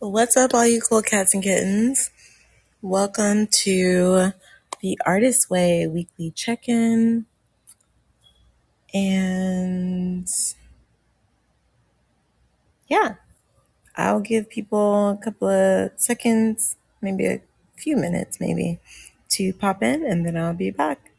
What's up, all you cool cats and kittens? Welcome to the Artist Way weekly check in. And yeah, I'll give people a couple of seconds, maybe a few minutes, maybe, to pop in and then I'll be back.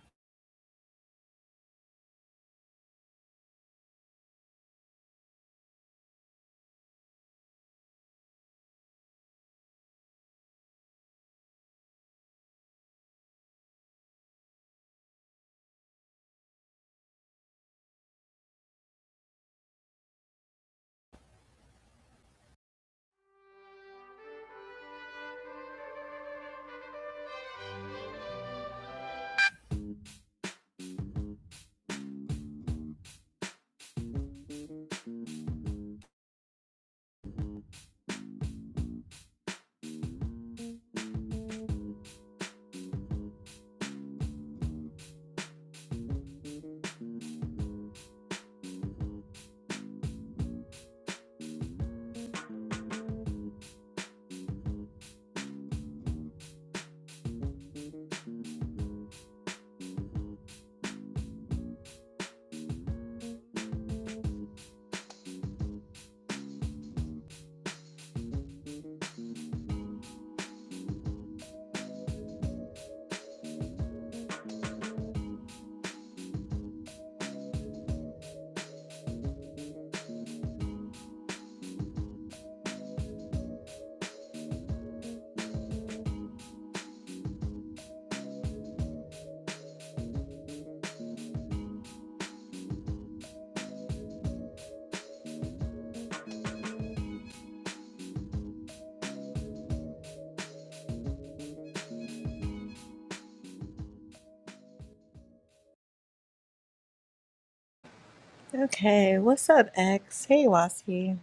Okay, what's up, X? Hey, Wasi.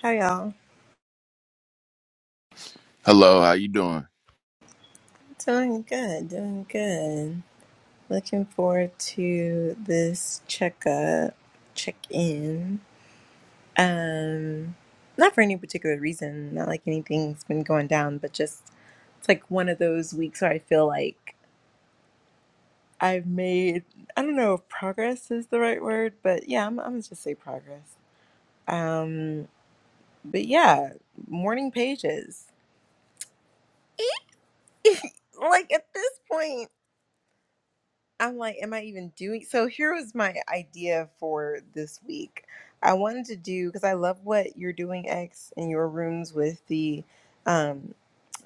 How y'all? Hello, how you doing? Doing good, doing good. Looking forward to this checkup, check in. Um, not for any particular reason, not like anything's been going down, but just it's like one of those weeks where I feel like I've made, I don't know if progress is the right word, but yeah, I'm, I'm gonna just say progress. Um, but yeah, morning pages. Like at this point, I'm like, am I even doing? So here was my idea for this week. I wanted to do, because I love what you're doing, X, in your rooms with the um.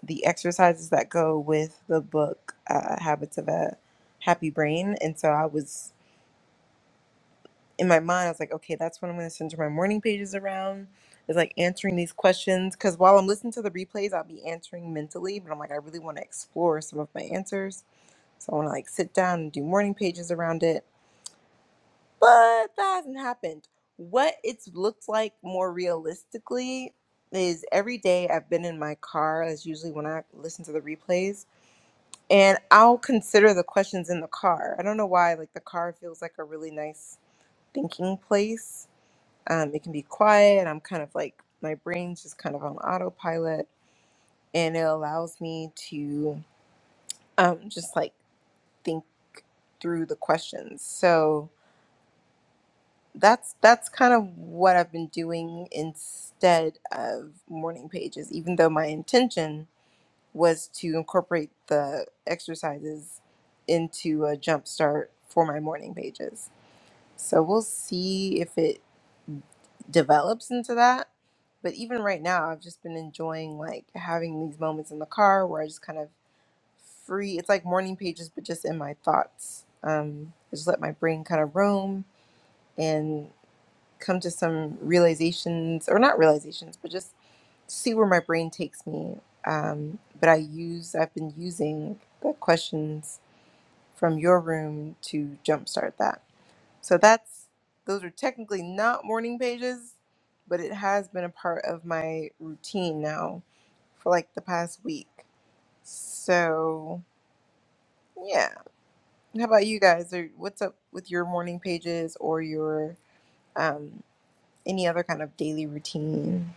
the exercises that go with the book uh, habits of a happy brain and so i was in my mind i was like okay that's what i'm going to center my morning pages around is like answering these questions because while i'm listening to the replays i'll be answering mentally but i'm like i really want to explore some of my answers so i want to like sit down and do morning pages around it but that hasn't happened what it's looked like more realistically is every day i've been in my car as usually when i listen to the replays and I'll consider the questions in the car. I don't know why, like the car feels like a really nice thinking place. Um, it can be quiet. I'm kind of like my brain's just kind of on autopilot, and it allows me to um, just like think through the questions. So that's that's kind of what I've been doing instead of morning pages, even though my intention was to incorporate the exercises into a jump start for my morning pages. So we'll see if it develops into that. But even right now, I've just been enjoying like having these moments in the car where I just kind of free. It's like morning pages, but just in my thoughts. Um, I just let my brain kind of roam and come to some realizations, or not realizations, but just see where my brain takes me. Um, but I use, I've been using the questions from your room to jumpstart that. So that's, those are technically not morning pages, but it has been a part of my routine now for like the past week. So yeah. How about you guys? Or what's up with your morning pages or your, um, any other kind of daily routine?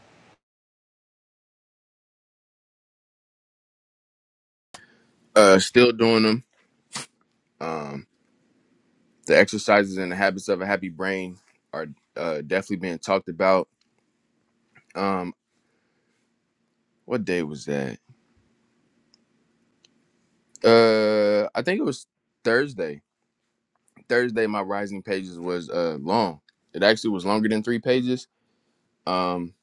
Uh, still doing them. Um, the exercises and the habits of a happy brain are uh, definitely being talked about. Um, what day was that? Uh, I think it was Thursday. Thursday, my rising pages was uh long. It actually was longer than three pages. Um,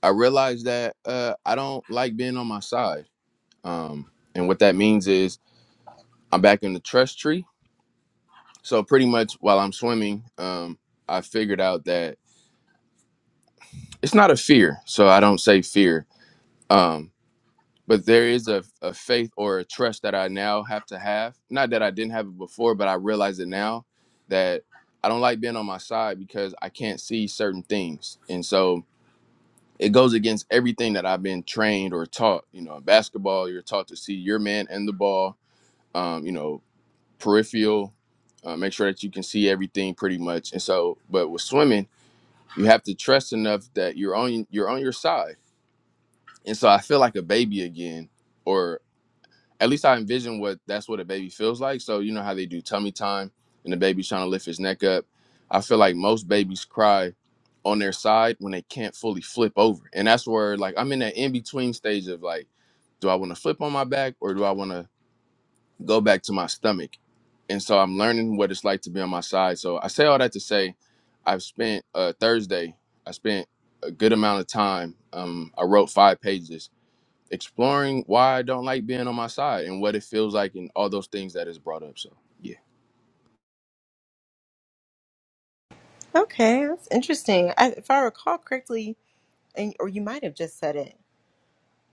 I realized that uh I don't like being on my side. Um, and what that means is I'm back in the trust tree. So pretty much while I'm swimming, um, I figured out that it's not a fear so i don't say fear um but there is a, a faith or a trust that i now have to have not that i didn't have it before but i realize it now that i don't like being on my side because i can't see certain things and so it goes against everything that i've been trained or taught you know in basketball you're taught to see your man and the ball um, you know peripheral uh, make sure that you can see everything pretty much and so but with swimming you have to trust enough that you're on you're on your side and so I feel like a baby again, or at least I envision what that's what a baby feels like. So you know how they do tummy time, and the baby's trying to lift his neck up. I feel like most babies cry on their side when they can't fully flip over, and that's where like I'm in that in between stage of like, do I want to flip on my back or do I want to go back to my stomach? And so I'm learning what it's like to be on my side. So I say all that to say, I've spent uh, Thursday. I spent a good amount of time. Um, I wrote five pages exploring why I don't like being on my side and what it feels like and all those things that is brought up. So yeah. Okay, that's interesting. I, if I recall correctly, and or you might have just said it,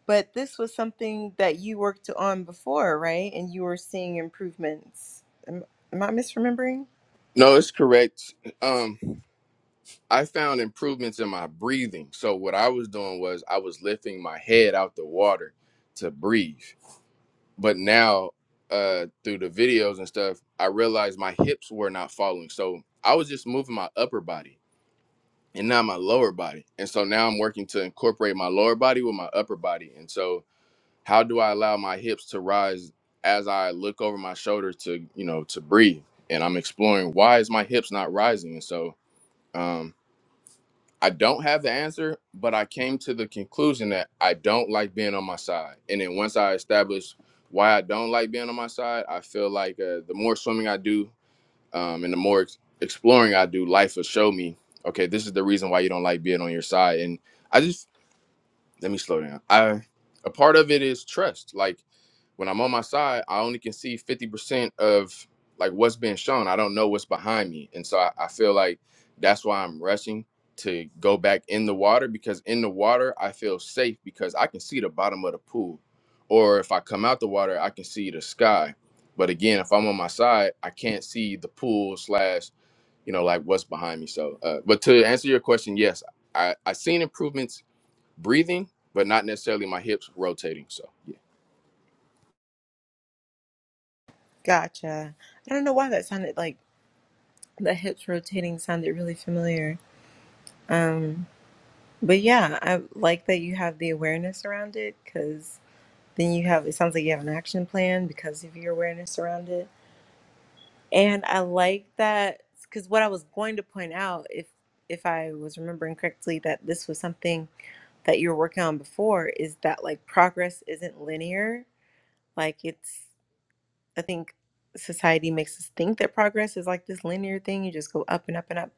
but this was something that you worked on before, right? And you were seeing improvements. Am, am I misremembering? No, it's correct. Um I found improvements in my breathing. So what I was doing was I was lifting my head out the water to breathe. But now uh through the videos and stuff, I realized my hips were not following. So I was just moving my upper body and not my lower body. And so now I'm working to incorporate my lower body with my upper body. And so How do I allow my hips to rise as I look over my shoulder to, you know, to breathe? And I'm exploring why is my hips not rising? And so um, I don't have the answer, but I came to the conclusion that I don't like being on my side. And then once I established why I don't like being on my side, I feel like uh, the more swimming I do um, and the more ex- exploring I do, life will show me, okay, this is the reason why you don't like being on your side. And I just let me slow down. I a part of it is trust. Like when I'm on my side, I only can see 50% of like what's being shown. I don't know what's behind me. And so I, I feel like that's why I'm rushing to go back in the water because in the water I feel safe because I can see the bottom of the pool. Or if I come out the water, I can see the sky. But again, if I'm on my side, I can't see the pool slash, you know, like what's behind me. So uh, but to answer your question, yes, I, I seen improvements breathing, but not necessarily my hips rotating. So yeah. Gotcha. I don't know why that sounded like the hips rotating sounded really familiar. Um, but yeah, I like that you have the awareness around it because then you have it sounds like you have an action plan because of your awareness around it. And I like that because what I was going to point out, if if I was remembering correctly, that this was something that you are working on before is that like progress isn't linear. Like it's I think society makes us think that progress is like this linear thing. You just go up and up and up.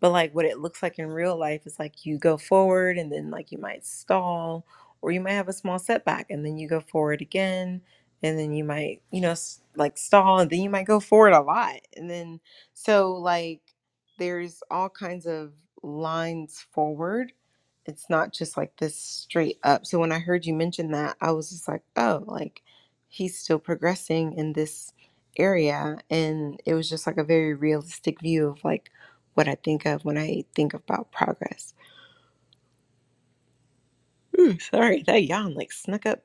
But like what it looks like in real life is like you go forward and then like you might stall or you might have a small setback and then you go forward again and then you might, you know, s- like stall and then you might go forward a lot. And then so like there's all kinds of lines forward. It's not just like this straight up. So when I heard you mention that, I was just like, oh, like he's still progressing in this area and it was just like a very realistic view of like what I think of when I think about progress. Ooh, sorry, that yawn like snuck up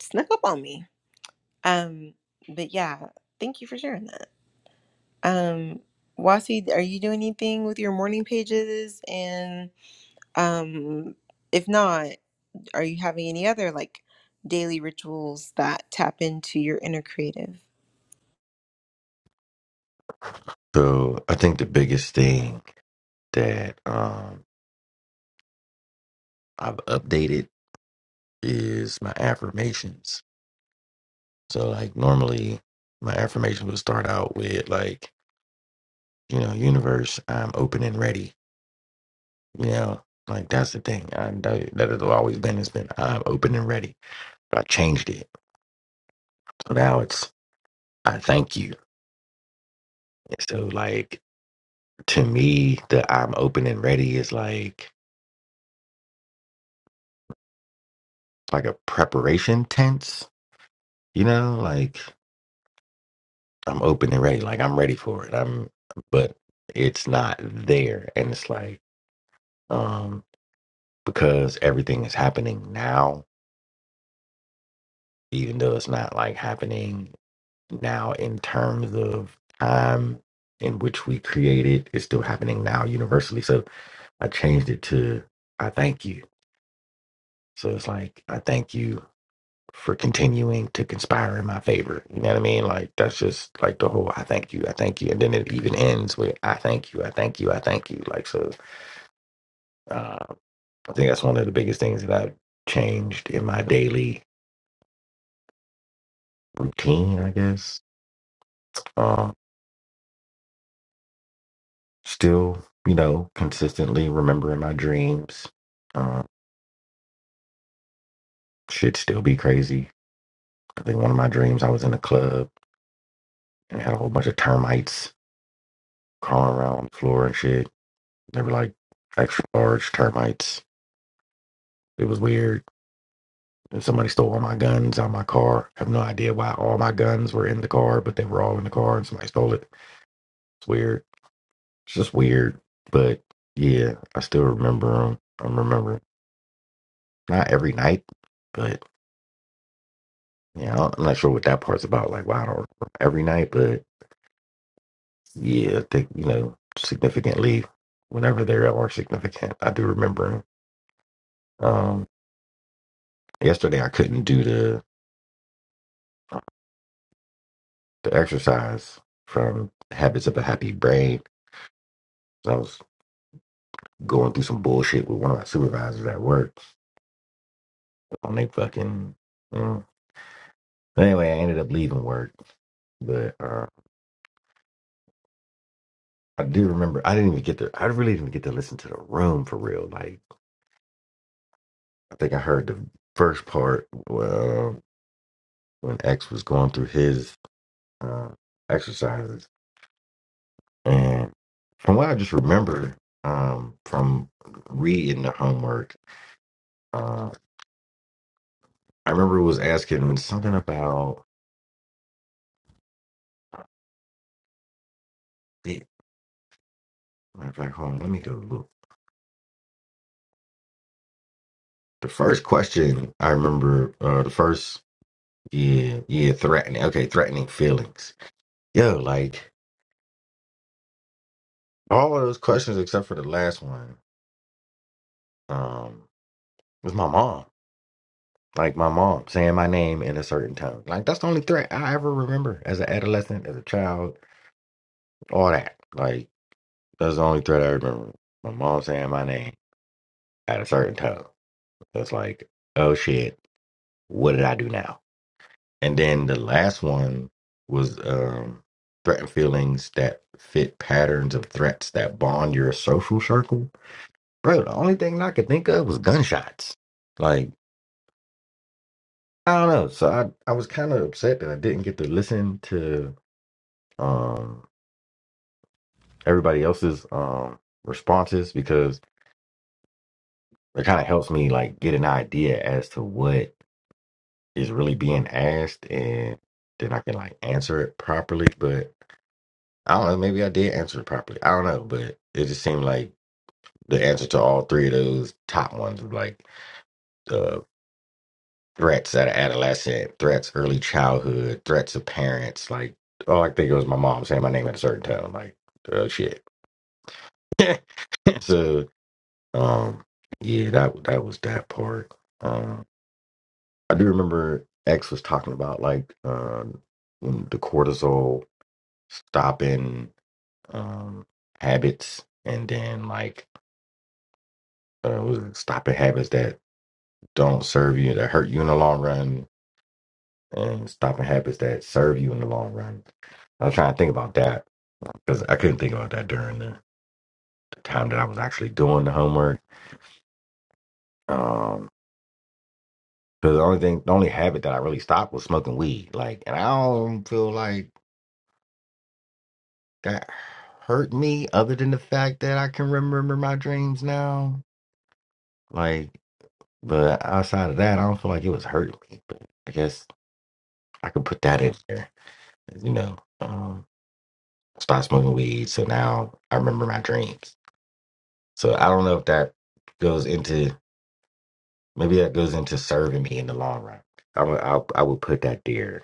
snuck up on me. Um but yeah, thank you for sharing that. Um Wasi, are you doing anything with your morning pages and um if not, are you having any other like daily rituals that tap into your inner creative? So I think the biggest thing that um, I've updated is my affirmations. So like normally my affirmation would start out with like, you know, universe, I'm open and ready. You know, like that's the thing. I that that has always been it's been I'm open and ready. But I changed it. So now it's I thank you. And so like to me the I'm open and ready is like like a preparation tense, you know, like I'm open and ready. Like I'm ready for it. I'm but it's not there. And it's like, um, because everything is happening now, even though it's not like happening now in terms of time in which we created, it's still happening now universally. So I changed it to I thank you. So it's like I thank you for continuing to conspire in my favor. You know what I mean? Like that's just like the whole I thank you, I thank you. And then it even ends with I thank you, I thank you, I thank you. Like so uh, I think that's one of the biggest things that I've changed in my daily routine, I guess. Um still, you know, consistently remembering my dreams. Um should still be crazy. I think one of my dreams I was in a club and had a whole bunch of termites crawling around on the floor and shit. They were like extra large termites It was weird. Somebody stole all my guns out of my car. I have no idea why all my guns were in the car, but they were all in the car and somebody stole it. It's weird. It's just weird. But yeah, I still remember them. I remember not every night, but yeah, I am not sure what that part's about. Like, wow, I don't remember every night, but yeah, I think, you know, significantly, whenever they are significant, I do remember 'em. Um, yesterday, I couldn't do the, the exercise from Habits of a Happy Brain. I was. going through some bullshit with one of my supervisors at work on they fucking. Mm. But Anyway, I ended up leaving work, but uh, I do remember I didn't even get to. I really didn't get to listen to the room for real. Like I think I heard the first part well, when X was going through his uh, exercises, and from what I just remember um, from reading the homework, uh, I remember it was asking something about. Matter of fact, hold on, let me go look. The first question I remember, uh, the first, yeah, yeah, threatening. Okay, threatening feelings. Yo, like all of those questions except for the last one, um, was my mom. Like my mom saying my name in a certain tone. Like that's the only threat I ever remember as an adolescent, as a child, all that. Like that's the only threat I remember. My mom saying my name at a certain tone. That's like, oh shit, what did I do now? And then the last one was um, threat and feelings that fit patterns of threats that bond your social circle. Bro, the only thing I could think of was gunshots. Like, I don't know. So I, I was kind of upset that I didn't get to listen to um, everybody else's um, responses because it kind of helps me like get an idea as to what is really being asked and then I can like answer it properly. But I don't know. Maybe I did answer it properly. I don't know, but it just seemed like the answer to all three of those top ones were like uh, threats at an adolescent, threats early childhood, threats of parents. Like, all I think it was my mom saying my name at a certain time. Like, oh shit. so, um, yeah, that that was that part. Um, I do remember X was talking about like um, when the cortisol stopping um, habits, and then like uh, what is stopping habits that don't serve you that hurt you in the long run, and stopping habits that serve you in the long run. I was trying to think about that because I couldn't think about that during the, the time that I was actually doing the homework. Um, because the only thing, the only habit that I really stopped was smoking weed. Like, and I don't feel like that hurt me other than the fact that I can remember my dreams now. Like, but outside of that, I don't feel like it was hurting me. But I guess I could put that in there, you know. um, Stop smoking weed. So now I remember my dreams. So I don't know if that goes into maybe that goes into serving me in the long run. I would I, I would put that there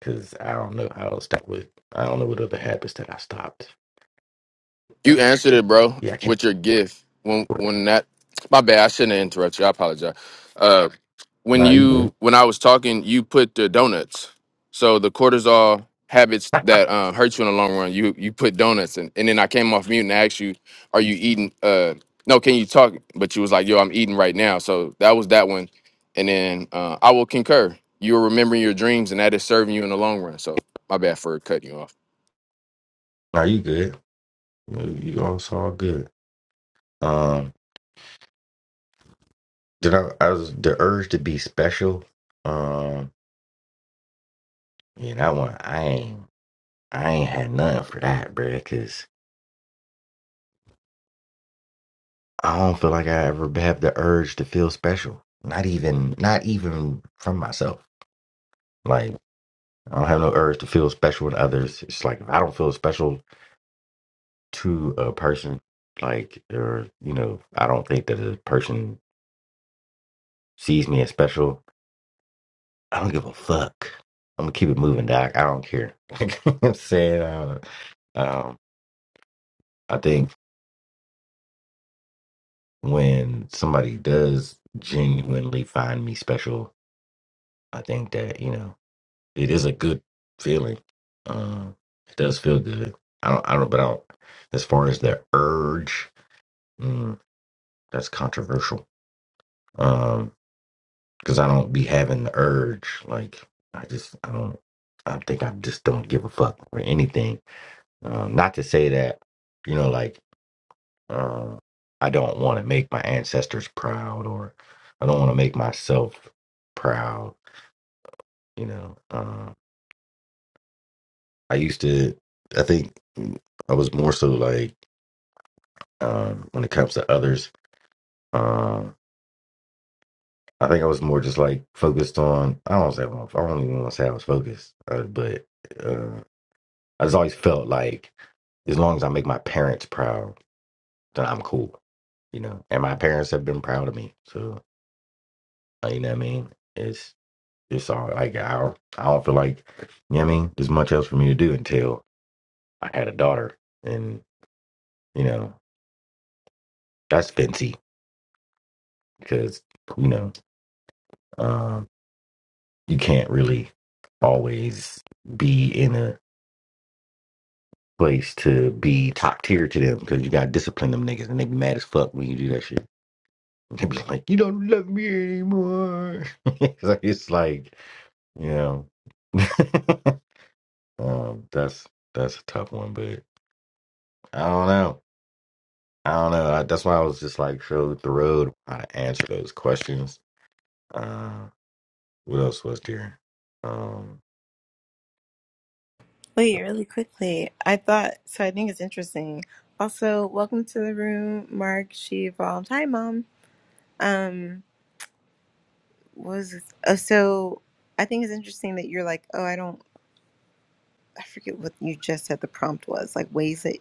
because I don't know how else that would. I don't know what other habits that I stopped. You Uh, answered it, bro, yeah, I can't. with your gift. When when that my bad, I shouldn't have interrupted you. I apologize. Uh when Nah, you good. you when I was talking, you put the donuts. So the cortisol habits that uh, hurt you in the long run, you you put donuts and And then I came off mute and asked you, are you eating uh no, can you talk? But you was like, yo, I'm eating right now. So that was that one. And then uh, I will concur. You are remembering your dreams and that is serving you in the long run. So my bad for cutting you off. Nah, you good. You you all it's good. Um, did I? I was the urge to be special. Um, yeah, that one I ain't. I ain't had nothing for that, bruh, because. I don't feel like I ever have the urge to feel special. Not even, not even from myself. Like I don't have no urge to feel special with others. It's like if I don't feel special to a person, like or you know, I don't think that a person sees me as special. I don't give a fuck. I'm gonna keep it moving, Doc. I don't care. Like I'm saying, uh, um, I think when somebody does genuinely find me special, I think that you know. It is a good feeling. Um, it does feel good. I don't. I don't. But I don't. As far as the urge, mm, that's controversial. Um, because I don't be having the urge. Like I just. I don't. I think I just don't give a fuck for anything. Um, not to say that, you know, like um, I don't want to make my ancestors proud, or I don't want to make myself proud. You know, um, I used to. I think mm, I was more so like. Uh, when it comes to others, uh, I think I was more just like focused on. I don't say I don't even want to say I was focused, uh, but uh, I just always felt like as long as I make my parents proud, then I'm cool, you know. And my parents have been proud of me, so uh, you know what I mean. It's it's all like I don't, I don't feel like you know what I mean. There's much else for me to do until I had a daughter, and you know that's fancy because you know. um, you can't really always be in a place to be top tier to them because you gotta discipline them niggas and they be mad as fuck when you do that shit. They be like, "You don't love me anymore." so it's like, you know, um, that's that's a tough one, but I don't know. I don't know. I, that's why I was just like so thrilled how to answer those questions. Uh, what else was there? Um, Wait, really quickly. I thought so. I think it's interesting. Also, welcome to the room, Mark. She evolved. Hi, mom. Um, what was this? Oh, so I think it's interesting that you're like, oh, I don't. I forget what you just said. The prompt was like ways that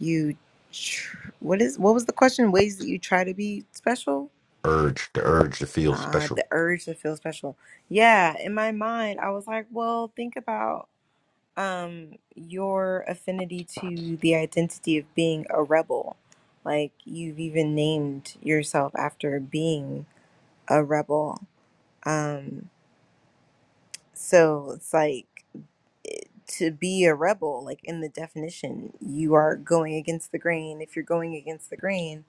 you. Tr- what is what was the question? Ways that you try to be special. urge the urge to feel Uh, special the urge to feel special. Yeah, in my mind, I was like, well, think about um your affinity to the identity of being a rebel. Like you've even named yourself after being a rebel. Um so it's like it- to be a rebel, like in the definition, you are going against the grain. If you're going against the grain,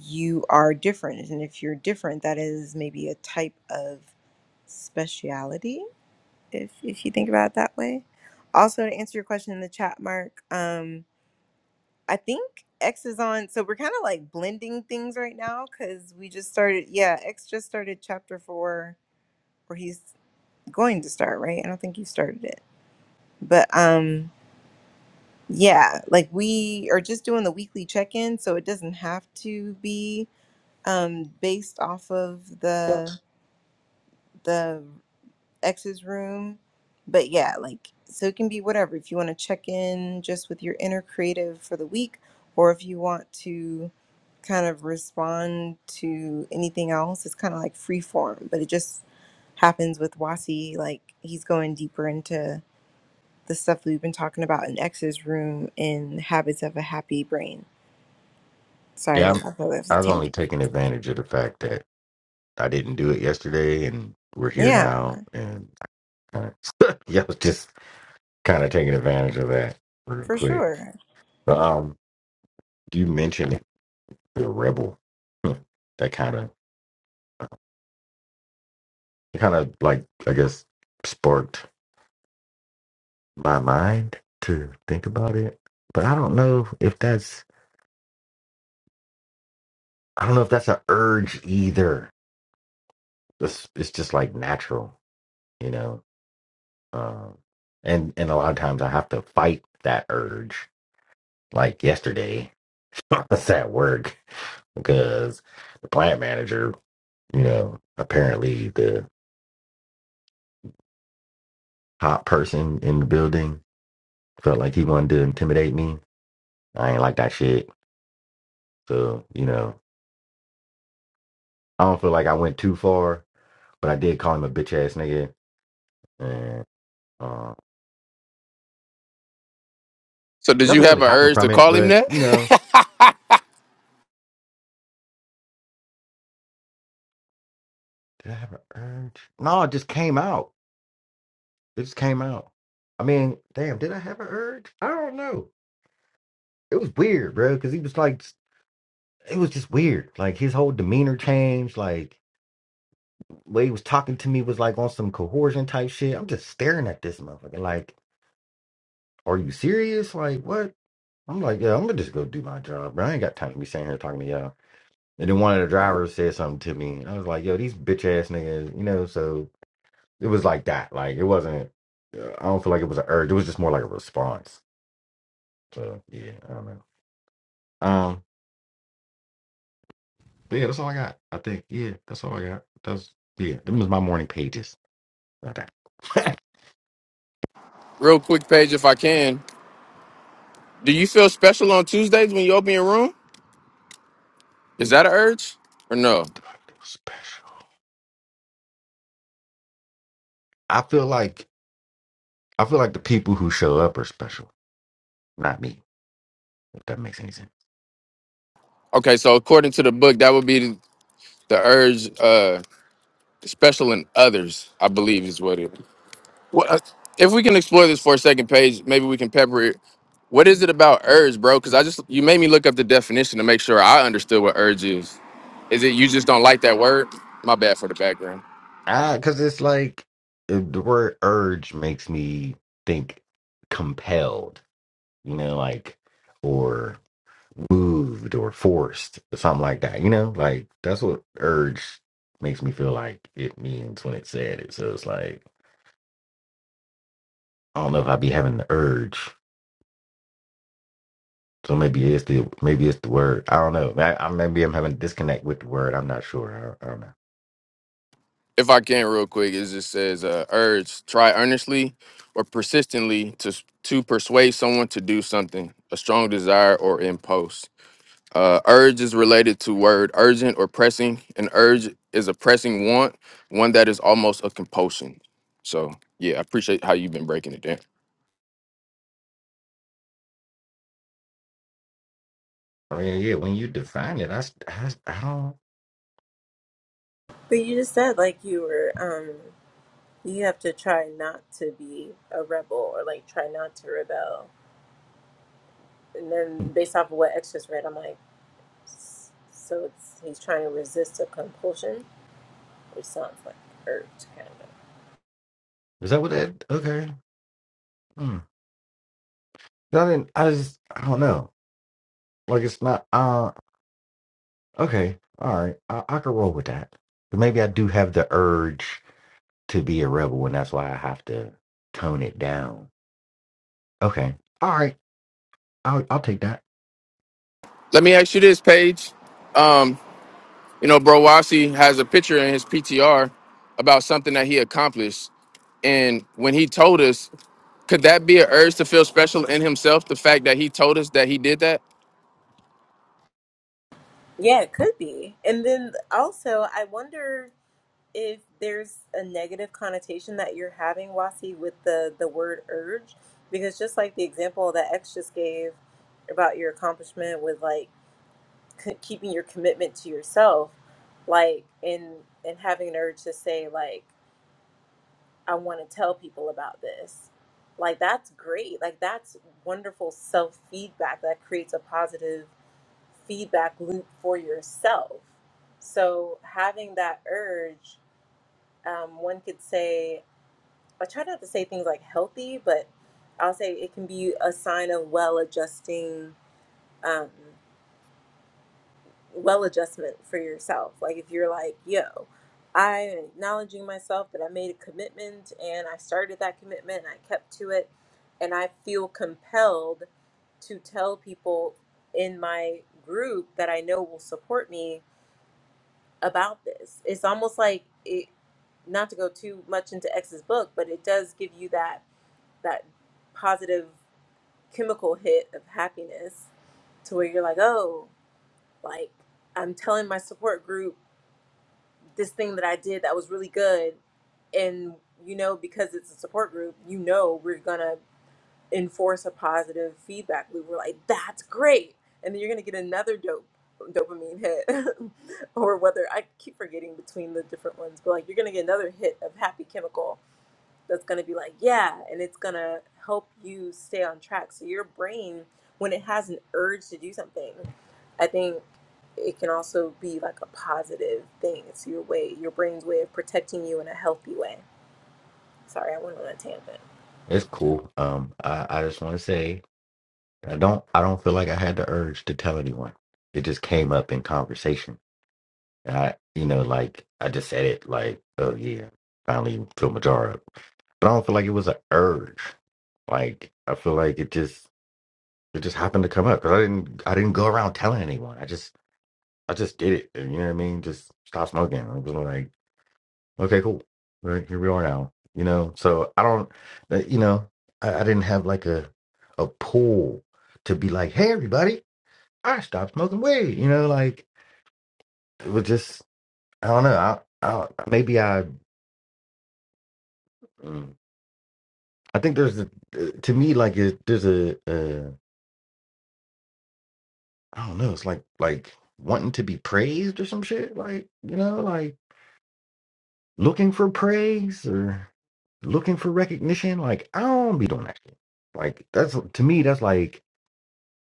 you are different. And if you're different, that is maybe a type of speciality, if if you think about it that way. Also to answer your question in the chat, Mark, um I think X is on. So we're kind of like blending things right now because we just started. Yeah, X just started chapter four, or he's going to start. Right? I don't think you started it, but um, yeah, like we are just doing the weekly check in, so it doesn't have to be um based off of the the X's room, but yeah, like so it can be whatever. If you want to check in just with your inner creative for the week, or if you want to kind of respond to anything else. It's kind of like free form, but it just happens with Wasi. Like he's going deeper into the stuff that we've been talking about in X's room in Habits of a Happy Brain. Sorry, I Yeah, didn't I'm, I thought that was a I was tangent. only taking advantage of the fact that I didn't do it yesterday, and we're here Yeah, now, and I kind of yeah, I was just kind of taking advantage of that real for quick. sure. But um, you mentioned the rebel. Hmm. That kind of it kind of like I guess sparked my mind to think about it. But I don't know if that's I don't know if that's an urge either. It's it's just like natural, you know. Um, and and a lot of times I have to fight that urge. Like yesterday, I was at work because the plant manager, you know, apparently the top person in the building felt like he wanted to intimidate me. I ain't like that shit. So, you know, I don't feel like I went too far, but I did call him a bitch ass nigga. And uh, So did you nothing really have an happened urge from to it, call him but, that? you know, did I have an urge? No, it just came out. It just came out. I mean, damn, did I have an urge? I don't know. It was weird, bro, because he was like, it was just weird. Like his whole demeanor changed. Like the way he was talking to me was like on some coercion type shit. I'm just staring at this motherfucker. Like, are you serious? Like, what? I'm like, yeah, I'm gonna just go do my job, bro. I ain't got time to be sitting here talking to y'all. And then one of the drivers said something to me, and I was like, yo, these bitch ass niggas, you know. So it was like that. Like it wasn't. uh, I don't feel like it was an urge. It was just more like a response. So yeah, I don't know. Um, but yeah, that's all I got. I think yeah, that's all I got. That's yeah, them was my morning pages. Not that Real quick, Paige, if I can. Do you feel special on Tuesdays when you open your room? Is that an urge or no? special. I feel like I feel like the people who show up are special, not me. If that makes any sense. Okay, so according to the book, that would be the urge uh special in others, I believe is what it. What, uh, if we can explore this for a second, Paige, maybe we can pepper it. What is it about urge, bro? Because I just you made me look up the definition to make sure I understood what urge is. Is it you just don't like that word? My bad for the background. Ah, because it's like uh, the word urge makes me think compelled. You know, like or moved or forced or something like that. You know, like that's what urge makes me feel like it means when it said it. So it's like I don't know if I be having the urge. So maybe it's the maybe it's the word. I don't know. I, I maybe I'm having a disconnect with the word. I'm not sure. I, I don't know. if I can, real quick, it just says uh, urge, try earnestly or persistently to to persuade someone to do something, a strong desire or impulse. Uh, urge is related to word urgent or pressing. An urge is a pressing want, one that is almost a compulsion. So yeah, I appreciate how you've been breaking it down. I mean, yeah, when you define it, I, s- I, s- I don't. But you just said like you were um you have to try not to be a rebel or like try not to rebel. And hmm. then based off of what X just read, I'm like s- so it's he's trying to resist a compulsion. which sounds like Earth, kind of. Is that what that? Okay. Hmm. I didn't. I just. I don't know. Like it's not. Uh. Okay. All right. I, I can roll with that. But maybe I do have the urge to be a rebel, and that's why I have to tone it down. Okay. All right. I'll I'll take that. Let me ask you this, Paige. Um, you know, Bro Wasi has a picture in his PTR about something that he accomplished. And when he told us Could that be an urge to feel special in himself? The fact that he told us that he did that. Yeah, it could be. And then also, I wonder if there's a negative connotation that you're having, Wasi, with the the word urge, because just like the example that X just gave about your accomplishment with like c- keeping your commitment to yourself, like in and having an urge to say like I want to tell people about this. Like that's great. Like that's wonderful self feedback that creates a positive feedback loop for yourself. So having that urge, um, one could say, I try not to say things like healthy, but I'll say it can be a sign of well adjusting, um, well adjustment for yourself. Like if you're like, yo, I'm acknowledging myself that I made a commitment and I started that commitment and I kept to it, and I feel compelled to tell people in my group that I know will support me about this. It's almost like it, not to go too much into X's book, but it does give you that that positive chemical hit of happiness to where you're like, oh, like I'm telling my support group this thing that I did that was really good, and you know because it's a support group, you know we're gonna enforce a positive feedback loop. We're like, that's great. And then you're going to get another dope dopamine hit or whether I keep forgetting between the different ones, but like you're going to get another hit of happy chemical that's going to be like, yeah, and it's going to help you stay on track. So your brain when it has an urge to do something, I think it can also be like a positive thing. It's your way, your brain's way of protecting you in a healthy way. Sorry, I went on a tangent. It's cool. Um. I I just want to say. I don't I don't feel like I had the urge to tell anyone. It just came up in conversation. And I you know, like I just said it like, oh yeah, finally feel my jar up. But I don't feel like it was an urge. Like I feel like it just it just happened to come up because I didn't I didn't go around telling anyone. I just I just did it. You know what I mean? Just stop smoking. I was like, okay, cool. Right, here we are now. You know, so I don't uh, you know, I, I didn't have like a a pull to be like, hey everybody. I stopped smoking weed. You know, like it was just I don't know. I, I maybe I mm, I think there's a, to me like it, there's a uh, I don't know. It's like like wanting to be praised or some shit. Like you know, like looking for praise or looking for recognition. Like I don't be doing that shit. Like that's to me that's like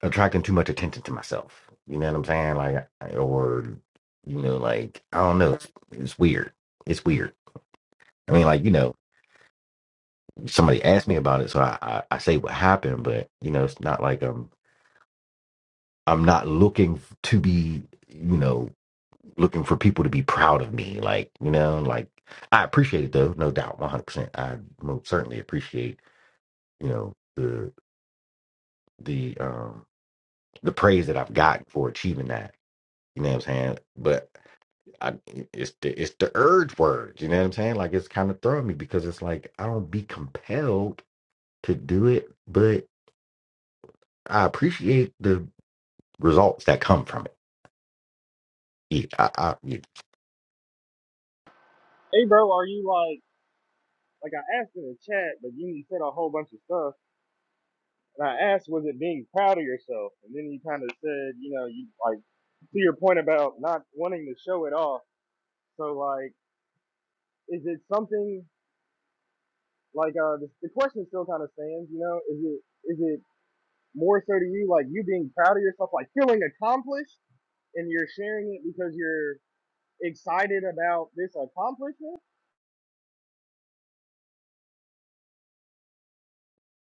attracting too much attention to myself. You know what I'm saying? Like or you know like I don't know. It's, it's weird. It's weird. I mean like you know somebody asked me about it, so I, I, I say what happened, but you know, it's not like I'm I'm not looking f- to be, you know, looking for people to be proud of me. Like, you know, like I appreciate it though, no doubt, one hundred percent. I most certainly appreciate, you know, the the um the praise that I've gotten for achieving that. You know what I'm saying? But I, it's the it's the urge word. You know what I'm saying? Like it's kind of throwing me because it's like I don't be compelled to do it, but I appreciate the results that come from it. E, I Hey, bro, are you like, like I asked in the chat, but you said a whole bunch of stuff. And I asked, was it being proud of yourself? And then you kind of said, you know, you like, to your point about not wanting to show it off. So, like, is it something like, uh, the, the question still kind of stands, you know, is it, is it more so to you, like, you being proud of yourself, like feeling accomplished and you're sharing it because you're excited about this accomplishment?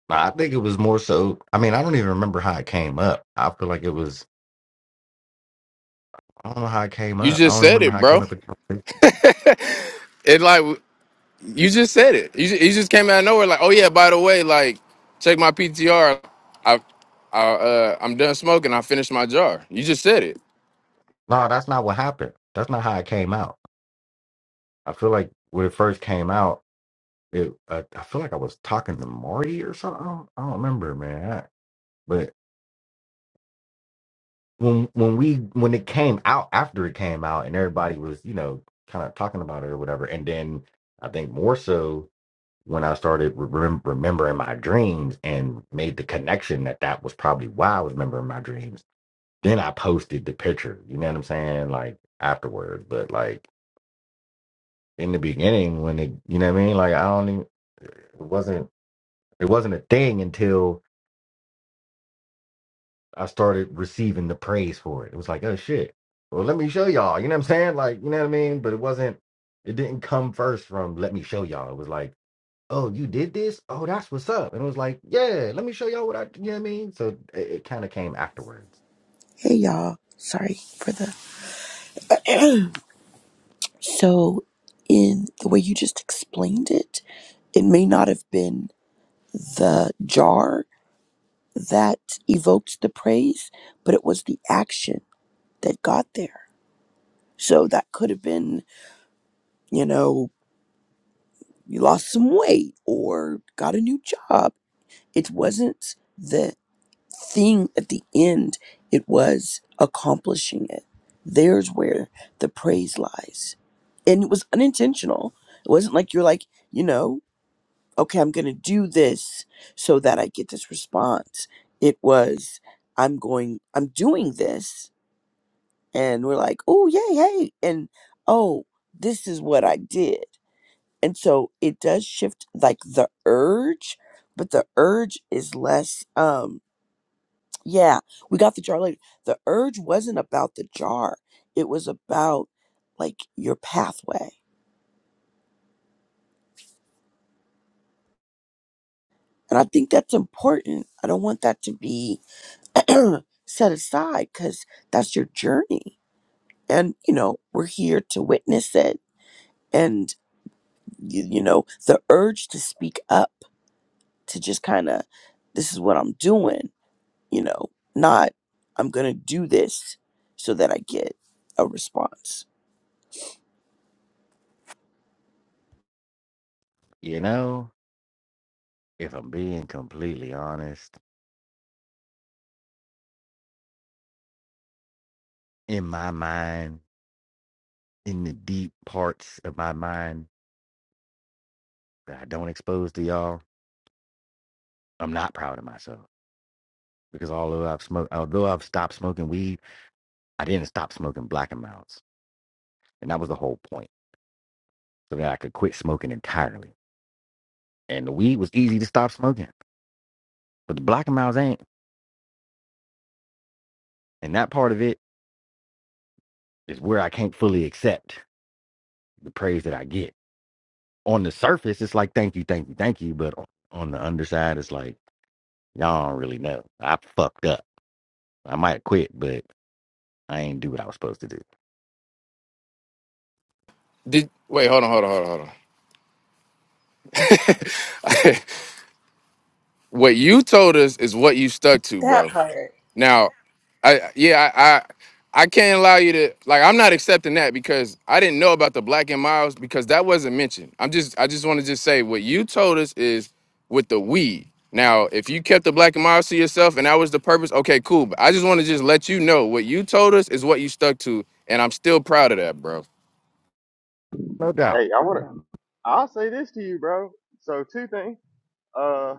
I I think it was more so. I mean, I don't even remember how it came up. I feel like it was. I don't know how it came You up. I just don't even said remember it, how it came bro. up. It like you just said it. You just, you just came out of nowhere. Like, oh yeah, by the way, like check my PTR. I, I uh, I'm done smoking. I finished my jar. You just said it. No, that's not what happened. That's not how it came out. I feel like when it first came out, it. Uh, I feel like I was talking to Marty or something. I don't, I don't remember, man. I- but when when we when it came out after it came out and everybody was you know kind of talking about it or whatever, and then I think more so when I started remem- remembering my dreams and made the connection that that was probably why I was remembering my dreams, then I posted the picture. You know what I'm saying? Like afterwards, but like in the beginning, when it, you know what I mean? Like I don't even, it wasn't, it wasn't a thing until I started receiving the praise for it. It was like, oh shit. Well, let me show y'all. You know what I'm saying? Like, you know what I mean? But it wasn't, it didn't come first from let me show y'all. It was like, oh, you did this? Oh, that's what's up. And it was like, yeah, let me show y'all what I, you know what I mean? So it, it kind of came afterwards. Hey y'all, sorry for the. so, in the way you just explained it, it may not have been the jar that evoked the praise, but it was the action that got there. So, that could have been, you know, you lost some weight or got a new job. It wasn't. the. thing at the end, it was accomplishing it. There's where the praise lies. And it was unintentional. It wasn't like you're like, you know, okay, I'm going to do this so that I get this response. It was, I'm going, I'm doing this. And we're like, oh, yay, hey. And oh, this is what I did. And so it does shift like the urge, but the urge is less. um. Yeah, we got the jar later. The urge wasn't about the jar. It was about like your pathway. And I think that's important. I don't want that to be set aside because that's your journey. And, you know, we're here to witness it. And, you, you know, the urge to speak up, to just kind of, this is what I'm doing, you know, not I'm going to do this so that I get a response. You know, if I'm being completely honest, in my mind, in the deep parts of my mind that I don't expose to y'all, I'm not proud of myself because although I've smoked, although I've stopped smoking weed, I didn't stop smoking black and amounts. And that was the whole point so that I could quit smoking entirely. And the weed was easy to stop smoking, but the black and amounts ain't. And that part of it Is where I can't fully accept the praise that I get. On the surface, it's like thank you, thank you, thank you, but o- on the underside, it's like y'all don't really know. I fucked up. I might have quit, but I ain't do what I was supposed to do. Did wait? Hold on. Hold on. Hold on. Hold on. what you told us is what you stuck to, That bro. part. Now, I yeah, I I, I can't allow you to like I'm not accepting that because I didn't know about the black and miles because that wasn't mentioned. I'm just I just want to just say what you told us is with the weed. Now, if you kept the black and miles to yourself and that was the purpose, okay, cool. But I just want to just let you know what you told us is what you stuck to, and I'm still proud of that, bro. No doubt. Hey, I want to, I'll say this to you, bro. So, two things. uh.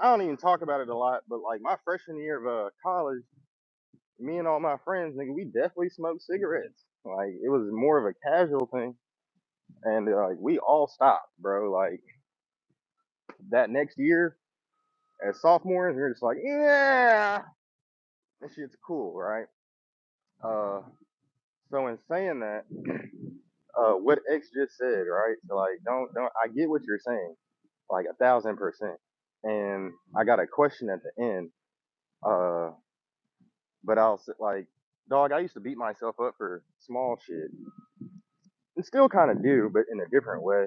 I don't even talk about it a lot, but like my freshman year of uh, college, me and all my friends, nigga, we definitely smoked cigarettes. Like it was more of a casual thing, and uh, like we all stopped, bro. Like that next year, as sophomores, we are just like, yeah, this shit's cool, right? Uh, so in saying that, uh, what X just said, right? So like, don't don't. I get what you're saying, like a thousand percent. And I got a question at the end, uh, but I'll s- like. small shit. This way,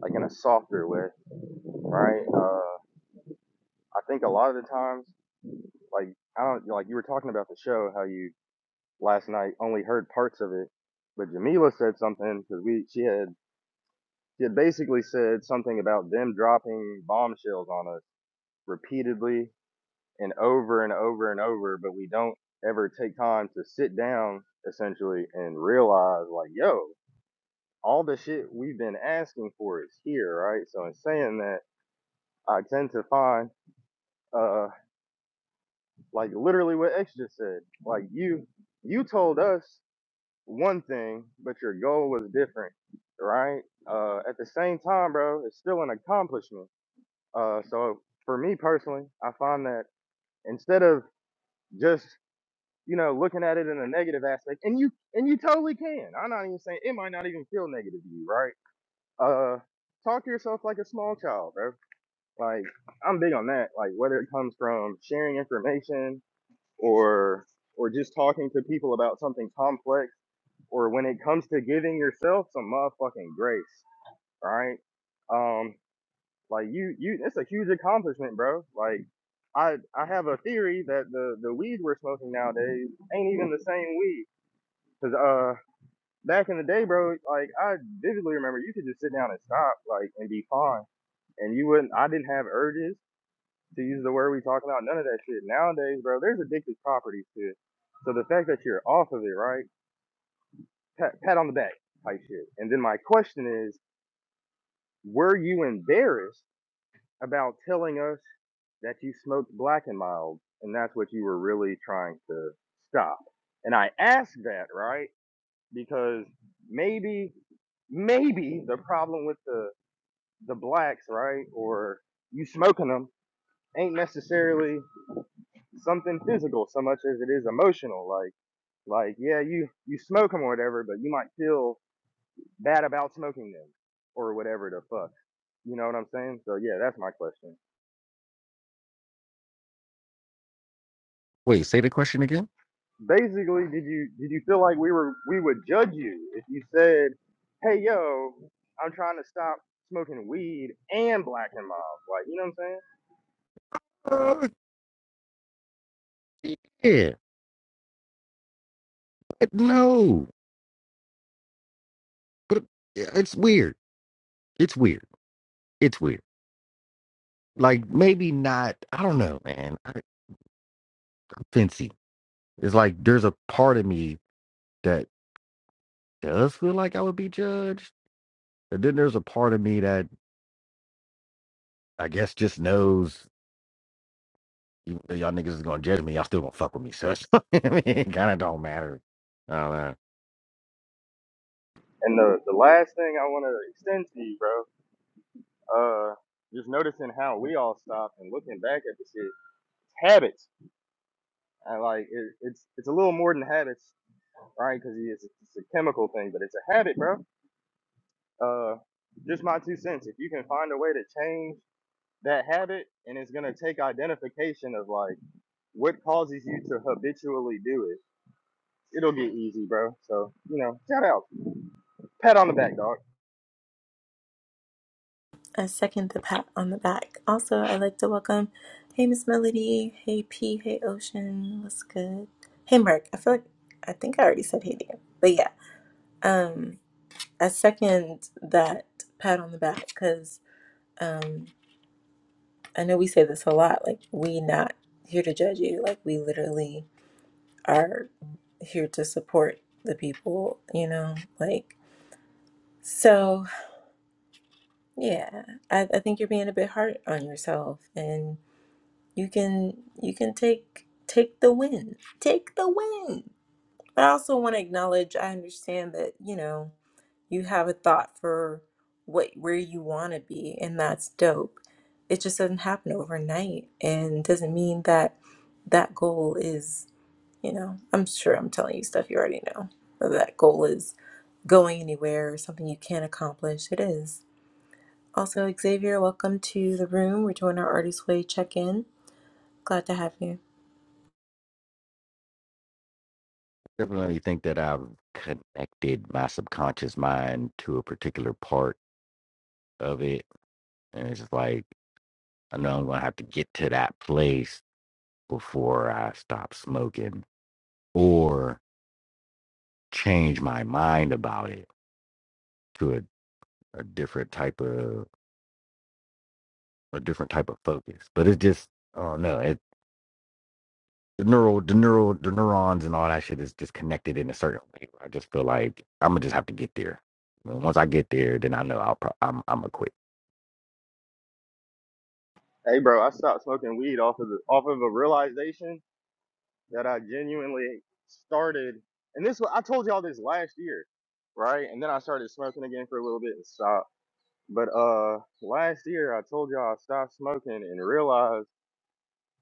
like in a s- way, right? Uh, I think a lot of the times, like I don't know, talking about the show, how you last night only heard parts of it, but Jamila said something because we she had she had basically said something about them dropping bombshells on us repeatedly and over and over and over, but we don't ever take time to sit down essentially and realize like, yo, all the shit we've been asking for is here, right? So in saying that, I tend to find uh Like literally what X just said. Like you you told us one thing, but your goal was different, right? Uh at the same time, bro, it's still an accomplishment. Uh so for me personally, I find that instead of just, you know, looking at it in a negative aspect, and you and you totally can. I'm not even saying it might not even feel negative to you, right? Uh talk to yourself like a small child, bro. Like I'm big on that. Like whether it comes from sharing information or or just talking to people about something complex or when it comes to giving yourself some motherfucking grace, right? Um like you you it's a huge accomplishment, bro. Like I I have a theory that the the weed we're smoking nowadays ain't even the same weed cuz uh back in the day, bro, like I vividly remember you could just sit down and stop like and be fine and you wouldn't I didn't have urges to use the word we talk about, none of that shit. Nowadays, bro, there's addictive properties to it. So the fact that you're off of it, right? Pat, pat on the back type shit. And then my question is, were you embarrassed about telling us that you smoked black and mild and that's what you were really trying to stop? And I ask that, right? Because maybe, maybe the problem with the the blacks, right, or you smoking them ain't necessarily something physical so much as it is emotional. Like like yeah, you you smoke them or whatever, but you might feel bad about smoking them or whatever the fuck. You know what I'm saying? So yeah, that's my question. Wait, say the question again. Basically, did you did you feel like we were we would judge you if you said, "Hey yo, I'm trying to stop smoking weed and black and mild." Like, you know what I'm saying? Uh, yeah, but no, but yeah, it's weird. It's weird. It's weird. Like maybe not. I don't know, man. I, I'm fancy. It's like there's a part of me that does feel like I would be judged, and then there's a part of me that I guess just knows even though y'all niggas is gonna judge me, y'all still gonna fuck with me. So it's- I mean, it kind of don't matter. I don't know. And the the last thing I want to extend to you, bro, uh just noticing how we all stop and looking back at the shit, it's habits I like it, it's it's a little more than habits, right? Because it's, it's a chemical thing, but it's a habit, bro. Uh, just my two cents. If you can find a way to change that habit, and it's gonna take identification of like what causes you to habitually do it, it'll get easy, bro. So you know, shout out, pat on the back, dog. I second the pat on the back. Also, I'd like to welcome, hey Miss Melody, hey P, hey Ocean, what's good? Hey Mark, I feel like I think I already said hey to you, but yeah, um, I second that pat on the back because um, I know we say this a lot, like we not here to judge you, like we literally are here to support the people, you know, like so yeah, I, I think you're being a bit hard on yourself and you can you can take take the win take the win but i also want to acknowledge i understand that you know you have a thought for what where you want to be and that's dope it just doesn't happen overnight and doesn't mean that that goal is you know i'm sure i'm telling you stuff you already know whether that goal is going anywhere or something you can't accomplish it is also xavier welcome to the room we're doing our artist way check-in glad to have you Definitely think that I've connected my subconscious mind to a particular part of it, and it's just like I know I'm gonna have to get to that place before I stop smoking or change my mind about it to a, a different type of a different type of focus. But it's just I don't know. the neural the neural the neurons and all that shit is just connected in a certain way. I just feel like I'm gonna just have to get there. And once I get there, then I know I'll pro- I'm I'm gonna quit. Hey, bro, I stopped smoking weed off of the off of a realization that I genuinely started, and this wa- I told y'all this last year, right? And then I started smoking again for a little bit and stopped. But uh, last year I told y'all I stopped smoking and realized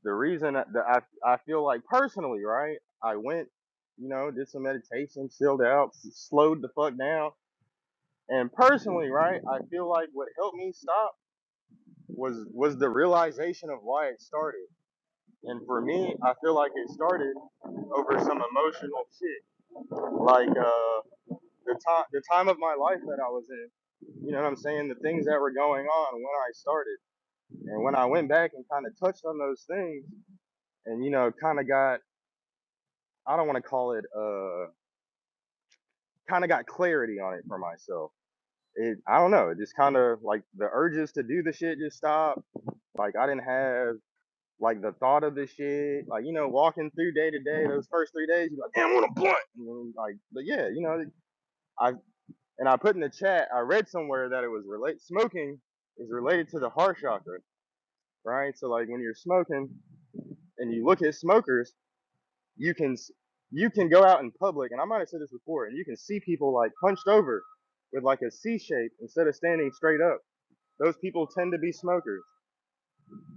the reason that that I I feel like personally, right? I went, you know, did some meditation, chilled out, s- slowed the fuck down, and personally, right? I feel like what helped me stop was was the realization of why it started. And for me, I feel like it started over some emotional shit, like uh, the time the time of my life that I was in. You know what I'm saying? The things that were going on when I started. And when I went back and kind of touched on those things and, you know, kind of got, I don't want to call it, uh, kind of got clarity on it for myself. It, I don't know, it just kind of like the urges to do the shit just stopped. Like I didn't have like the thought of the shit. Like, you know, walking through day to day, those first three days, you're like, damn, I want a blunt. And then, like, but yeah, you know, I, and I put in the chat, I read somewhere that it was relate, smoking is related to the heart chakra, right? So like when you're smoking and you look at smokers, you can you can go out in public, and I might have said this before, and you can see people like hunched over with like a C shape instead of standing straight up. Those people tend to be smokers.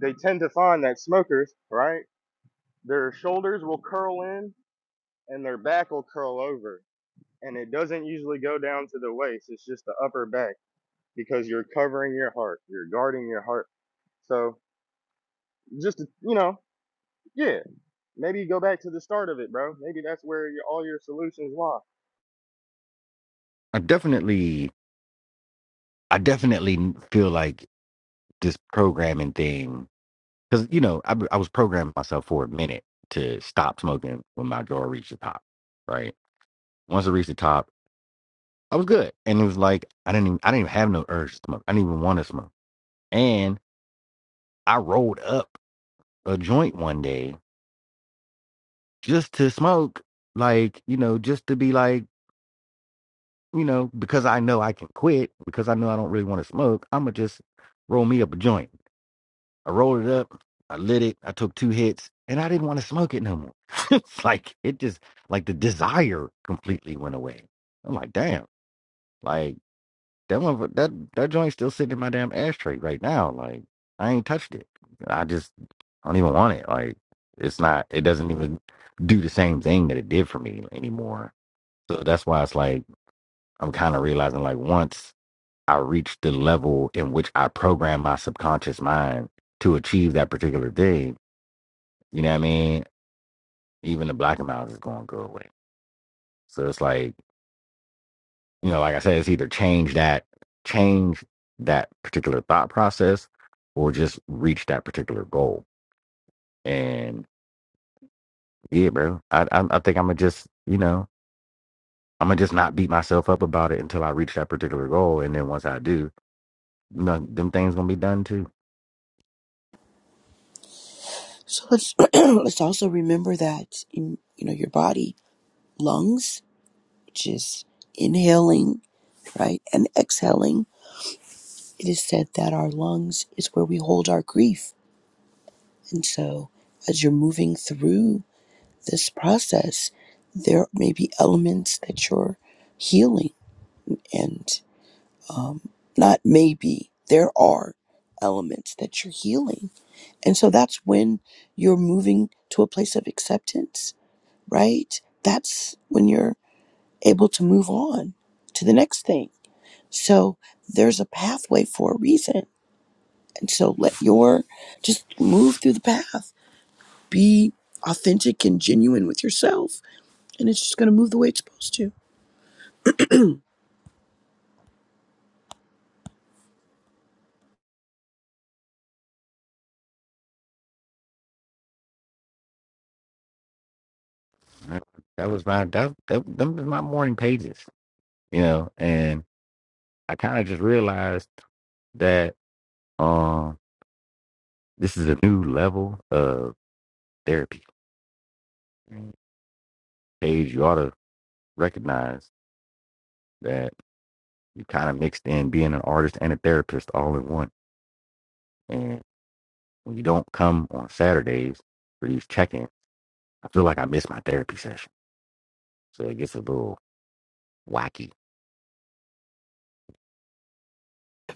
They tend to find that smokers, right? Their shoulders will curl in and their back will curl over. And it doesn't usually go down to the waist. It's just the upper back because you're covering your heart. You're guarding your heart. So just, you know, yeah, maybe go back to the start of it, bro. Maybe that's where all your solutions lie I definitely I definitely feel like this programming thing because you know I I was programming myself for a minute to stop smoking when my draw reached the top. Right. Once it reached the top, I was good, and it was like I didn't even I didn't even have no urge to smoke. I didn't even want to smoke, and I rolled up a joint one day just to smoke, like, you know, just to be like, you know, because I know I can quit, because I know I don't really want to smoke, I'm going to just roll me up a joint. I rolled it up, I lit it, I took two hits, and I didn't want to smoke it no more. it's like, it just, like the desire completely went away. I'm like, damn, like that one, that, that joint's still sitting in my damn ashtray right now. Like, I ain't touched it. I just don't even want it. Like, it's not, it doesn't even do the same thing that it did for me anymore So that's why it's like I'm kind of realizing like once I reach the level in which I program my subconscious mind to achieve that particular thing, you know what I mean? Even the black amount is going to go away. So it's like, you know, like I said, it's either change that, change that particular thought process or just reach that particular goal. And yeah, bro, I, I, I think I'm going to just, you know, I'm going to just not beat myself up about it until I reach that particular goal. And then once I do, you know, them things going to be done too. So let's let's also remember that in, you know your body, lungs, which is inhaling, right, and exhaling. It is said that our lungs is where we hold our grief, and so as you're moving through this process, there may be elements that you're healing, and um, not maybe there are elements that you're healing, and so that's when you're moving to a place of acceptance right? That's when you're able to move on to the next thing. So there's a pathway for a reason. And so let your just move through the path. Be authentic and genuine with yourself. And it's just gonna move the way it's supposed to. Uh, That was my that, that them was my morning pages, you know, and I kind of just realized that um this is a new level of therapy. Paige, you ought to recognize that you kind of mixed in being an artist and a therapist all in one. And when you don't come on Saturdays for these check-ins, I feel like I miss my therapy session. So it gets a little wacky.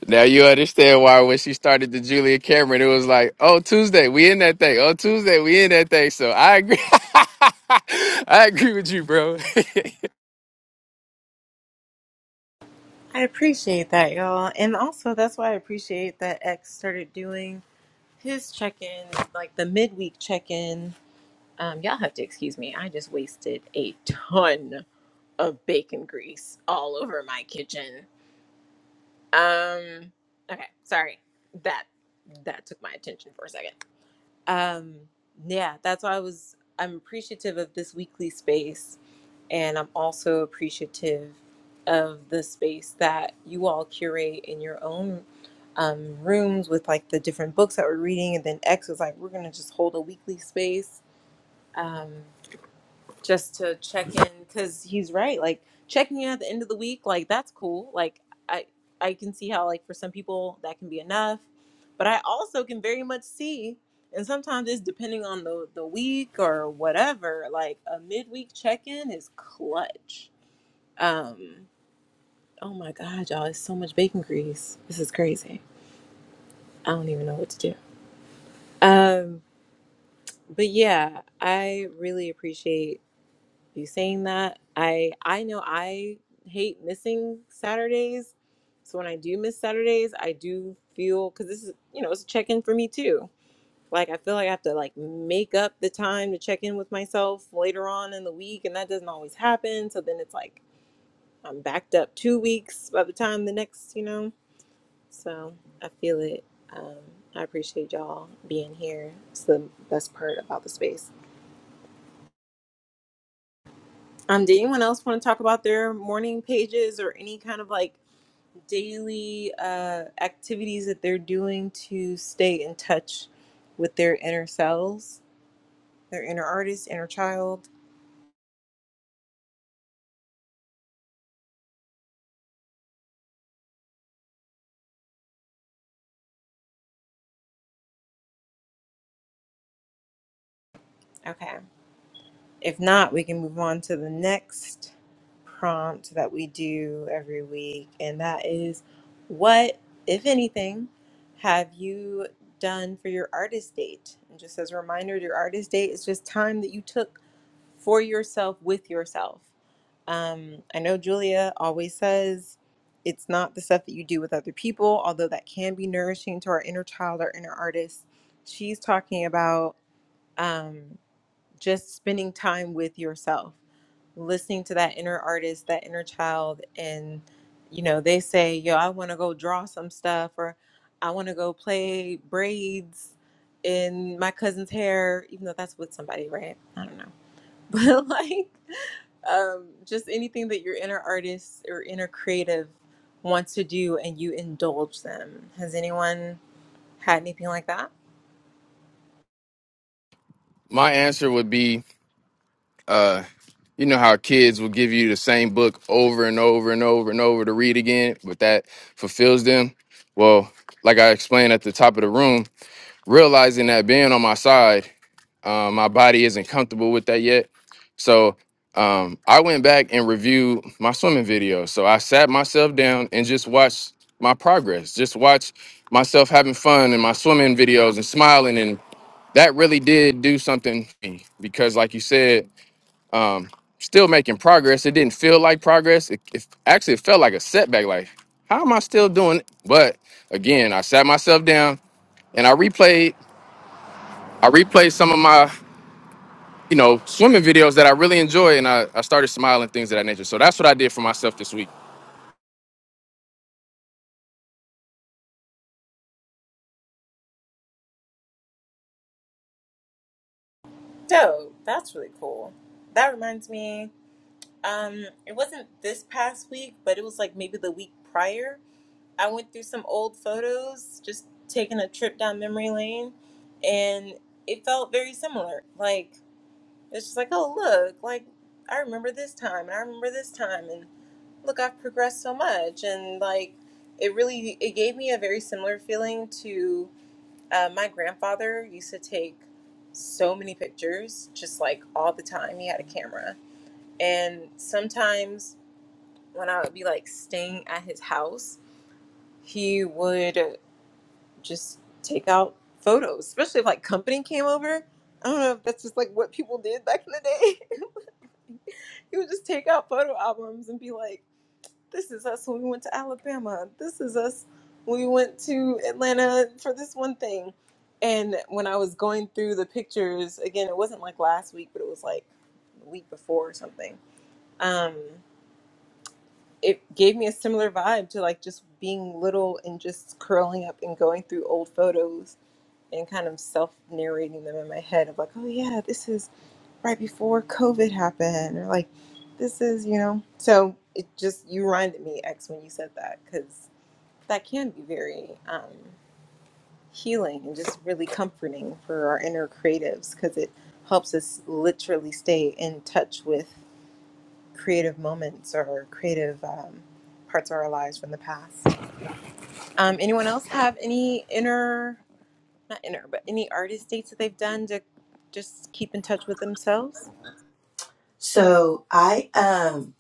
Now you understand why when she started the Julia Cameron, it was like, oh Tuesday, we in that thing. Oh Tuesday, we in that thing. So I agree. I agree with you, bro. I appreciate that, y'all. And also, that's why I appreciate that X started doing his check in, like the midweek check in. Um, y'all have to excuse me. I just wasted a ton of bacon grease all over my kitchen. Um, okay, sorry. That that took my attention for a second. Um, yeah, that's why I was, I'm appreciative of this weekly space. And I'm also appreciative of the space that you all curate in your own um, rooms with like the different books that we're reading. And then X was like, we're going to just hold a weekly space. Um, just to check in because he's right like checking in at the end of the week like that's cool like i i can see how like for some people that can be enough but i also can very much see and sometimes it's depending on the the week or whatever like a midweek check-in is clutch um oh my god y'all it's so much bacon grease this is crazy i don't even know what to do um but yeah i really appreciate you saying that i i know i hate missing saturdays so when i do miss saturdays i do feel because this is you know it's a check-in for me too like i feel like i have to like make up the time to check in with myself later on in the week and that doesn't always happen so then it's like i'm backed up two weeks by the time the next you know so i feel it um, i appreciate y'all being here it's the best part about the space Um, did anyone else want to talk about their morning pages or any kind of like daily uh, activities that they're doing to stay in touch with their inner selves, their inner artist, inner child? Okay. If not, we can move on to the next prompt that we do every week, and that is what, if anything, have you done for your artist date? And just as a reminder, your artist date is just time that you took for yourself with yourself. Um, I know Julia always says it's not the stuff that you do with other people, although that can be nourishing to our inner child, our inner artist. She's talking about. Um, just spending time with yourself, listening to that inner artist, that inner child. And, you know, they say, yo, I want to go draw some stuff or I want to go play braids in my cousin's hair, even though that's with somebody, right? I don't know. But like, um, just anything that your inner artist or inner creative wants to do and you indulge them. Has anyone had anything like that? My answer would be, uh, you know how kids will give you the same book over and over and over and over to read again, but that fulfills them. Well, like I explained at the top of the room, realizing that being on my side Um, my body isn't comfortable with that yet. So um, I went back and reviewed my swimming video. So I sat myself down and just watched my progress, just watch myself having fun in my swimming videos and smiling. And that really did do something for me because, like you said, um, still making progress. It didn't feel like progress. It, it actually it felt like a setback. Like, how am I still doing? it? But again, I sat myself down and I replayed. I replayed some of my you know, swimming videos that I really enjoy, and I, I started smiling things of that nature. So that's what I did for myself this week. Dope. That's really cool. That reminds me. Um, it wasn't this past week, but it was like maybe the week prior. I went through some old photos, just taking a trip down memory lane, and it felt very similar. Like it's just like, oh look, like I remember this time, and I remember this time, and look, I've progressed so much, and like it really it gave me a very similar feeling to uh, my grandfather used to take so many pictures, just like all the time. He had a camera, and sometimes when I would be like staying at his house, he would just take out photos, especially if like company came over. I don't know if that's just like what people did back in the day. he would just take out photo albums and be like, this is us when we went to Alabama. This is us when we went to Atlanta for this one thing. And when I was going through the pictures, again, it wasn't like last week, but it was like the week before or something. Um, it gave me a similar vibe to like just being little and just curling up and going through old photos and kind of self narrating them in my head of like, oh yeah, this is right before COVID happened, or like, this is, you know. So it just, you reminded me, X, when you said that, because that can be very um, healing and just really comforting for our inner creatives because it helps us literally stay in touch with creative moments or creative um, parts of our lives from the past. Um, anyone else have any inner, not inner, but any artist dates that they've done to just keep in touch with themselves? So I um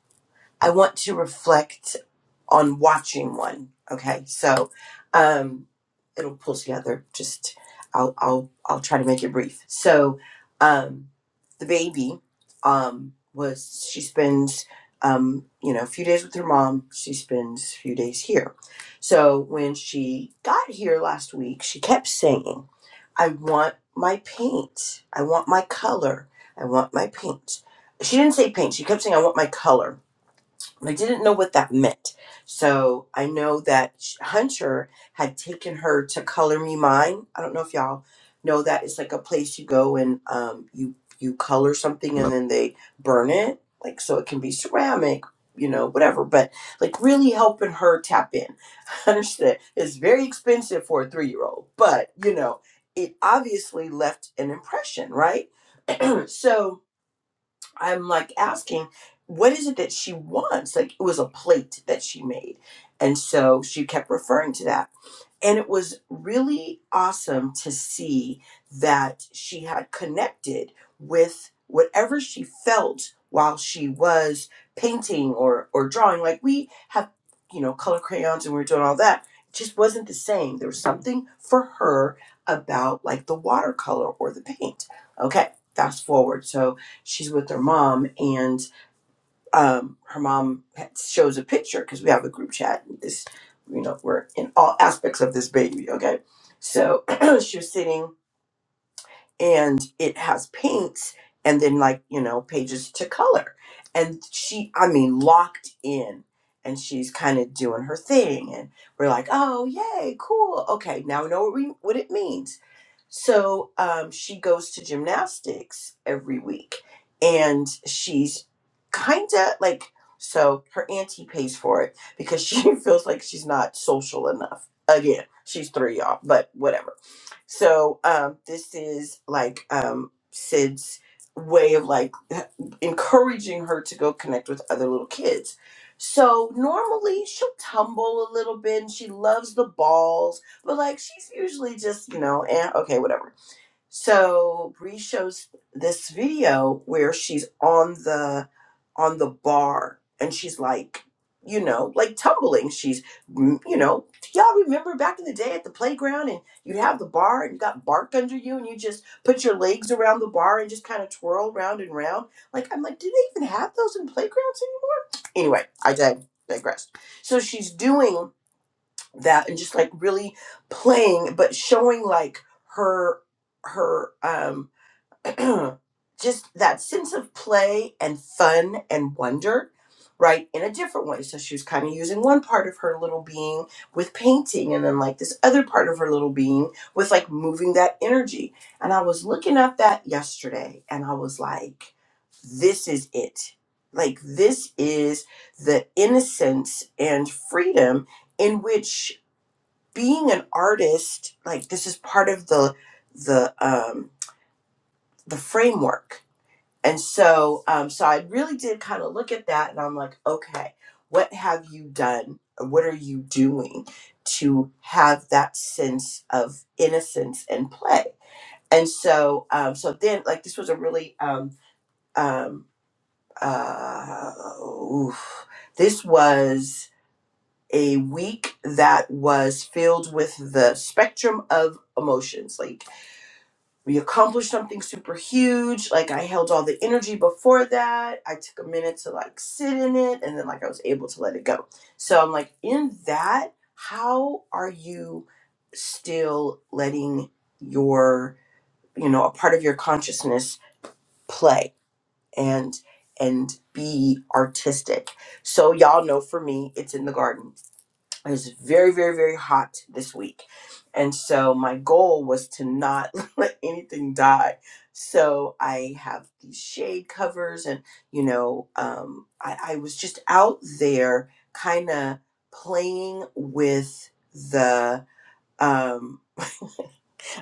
I want to reflect on watching one. Okay, so um, it'll pull together. Just I'll I'll I'll try to make it brief. So um, the baby um, was she spends um, you know a few days with her mom. She spends a few days here. So when she got here last week, she kept saying, "I want my paint. I want my color. I want my paint." She didn't say paint. She kept saying, "I want my color." I didn't know what that meant. So I know that Sh- Hunter had taken her to Color Me Mine. I don't know if y'all know that. It's like a place you go and um, you you color something I and love- then they burn it, like so it can be ceramic, you know, whatever. But like really helping her tap in. I understand it's very expensive for a three year old, but you know it obviously left an impression, right? So I'm like asking, what is it that she wants? Like it was a plate that she made. And so she kept referring to that. And it was really awesome to see that she had connected with whatever she felt while she was painting or, or drawing. Like we have, you know, color crayons and we are doing all that. It just wasn't the same. There was something for her about like the watercolor or the paint. Okay, fast forward. So she's with her mom and um, her mom had- shows a picture because we have a group chat. And this, you know, we're in all aspects of this baby. Okay, so she was sitting, and it's and then like you know pages to color, and she, I mean, locked in, and she's kind of doing her thing, and we're like, oh yay, cool, okay, now we know what we what it means so um, she goes to gymnastics every week, and she's kind of like so her auntie pays for it because she feels like she's not social enough. Again, she's three y'all, but whatever so um, this is like um, Sid's way of like encouraging her to go connect with other little kids. So normally she'll tumble a little bit and she loves the balls, but like she's usually just, you know, eh, okay, whatever. So Bree shows this video where she's on the on the bar and she's like, you know, like tumbling. She's, mm, you know, y'all remember back in the day at the playground and you'd have the bar and you got bark under you and you just put your legs around the bar and just kind of twirl round and round. Like I'm like, do they even have those in playgrounds anymore? Anyway, I dig- digress. So she's doing that and just like really playing, but showing like her her um just that sense of play and fun and wonder, right, in a different way. So she was kind of using one part of her little being with painting, and then like this other part of her little being with like moving that energy. And I was looking at that yesterday and I was like, this is it. Like, this is the innocence and freedom in which being an artist, like, this is part of the, the, um, the framework and so, um, so I really did kind of look at that, and I'm like, okay, what have you done? What are you doing to have that sense of innocence and play? And so, um, so then, like, this was a really, um, um, uh, oof. this was a week that was filled with the spectrum of emotions, like we accomplished something super huge. Like I held all the energy before that. I took a minute to like sit in it and then like I was able to let it go. So I'm like, in that, how are you still letting your, you know, a part of your consciousness play and and be artistic. So y'all know for me, it's in the garden it was very, very, very hot this week. And so my goal was to not let anything die. So I have these shade covers, and you know, um, I, I was just out there kind of playing with the. Um,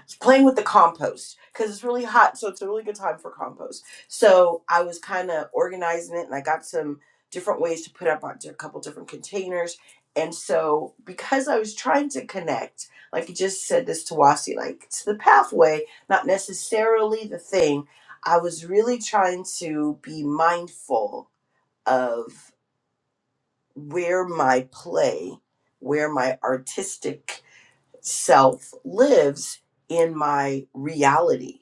it's playing with the compost because it's really hot, so it's a really good time for compost. So I was kind of organizing it, and I got some different ways to put up on a couple different containers. And so because I was trying to connect, like you just said this to Wasi, like to the pathway, not necessarily the thing. I was really trying to be mindful of where my play, where my artistic self lives in my reality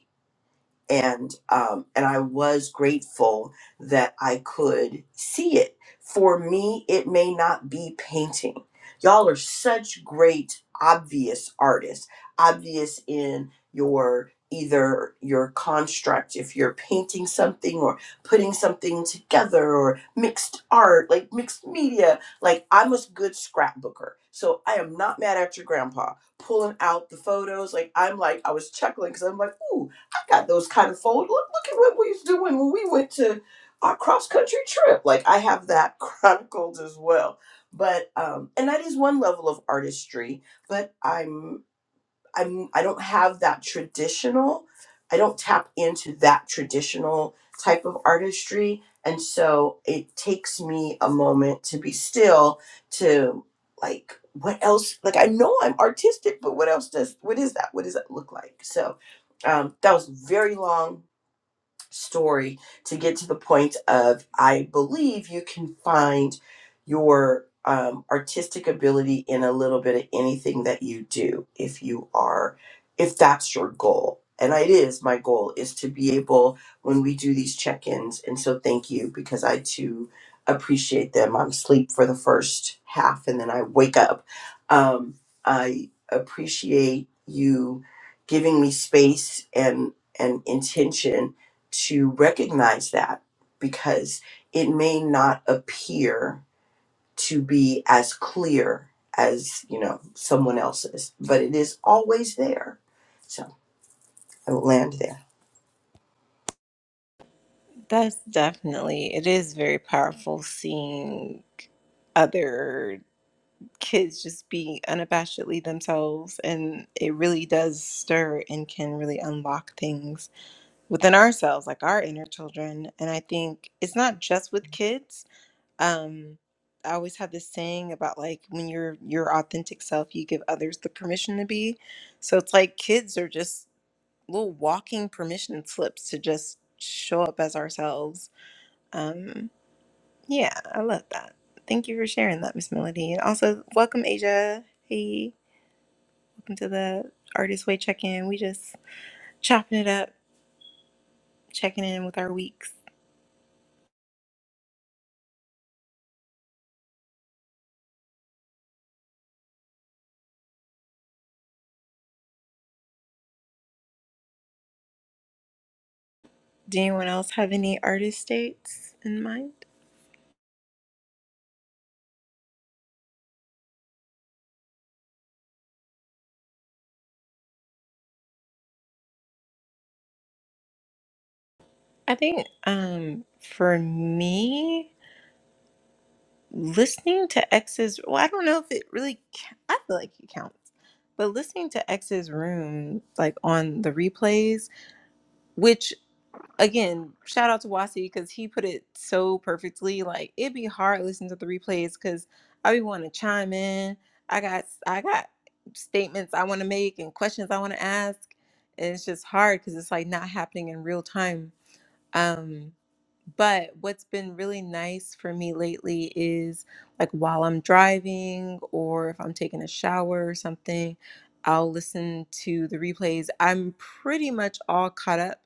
and um, and I was grateful that I could see it. For me, it may not be painting. Y'all are such great obvious artists, obvious in your either your construct if you're painting something or putting something together or mixed art like mixed media like i'm a good scrapbooker so i am not mad at your grandpa pulling out the photos like i'm like i was chuckling because i'm like ooh I got those kind of phones. Look, look at what we was doing when we went to our cross country trip. Like I have that chronicled as well. But um, and that is one level of artistry. But I'm I'm I don't have that traditional. I don't tap into that traditional type of artistry, and so it takes me a moment to be still to like what else like I know I'm artistic, but what else does what is that? What does that look like? So um that was very long story to get to the point of I believe you can find your um, artistic ability in a little bit of anything that you do if you are if that's your goal. And it is my goal is to be able when we do these check-ins and so thank you because I too appreciate them. I'm asleep for the first half and then I wake up. Um, I appreciate you giving me space and and intention to recognize that because it may not appear to be as clear as you know someone else's but it is always there so i will land there That's definitely, it is very powerful seeing other kids just be unabashedly themselves. And it really does stir and can really unlock things within ourselves, like our inner children. And I think it's not just with kids. um i always have this saying about like when you're your authentic self you give others the permission to be so it's like kids are just little walking permission slips to just show up as ourselves um yeah i love that thank you for sharing that miss melody and also welcome asia hey welcome to the artist way check-in we just chopping it up checking in with our weeks do anyone else have any artist dates in mind i think um for me listening to ex's well i don't know if it really ca- i feel like it counts but listening to ex's room like on the replays which again shout out to wasi because he put it so perfectly like it'd be hard listening to the replays because i be want to chime in i got i got statements i want to make and questions i want to ask and it's just hard because it's like not happening in real time um, but what's been really nice for me lately is like while I'm driving or if I'm taking a shower or something, I'll listen to the replays. I'm pretty much all caught up.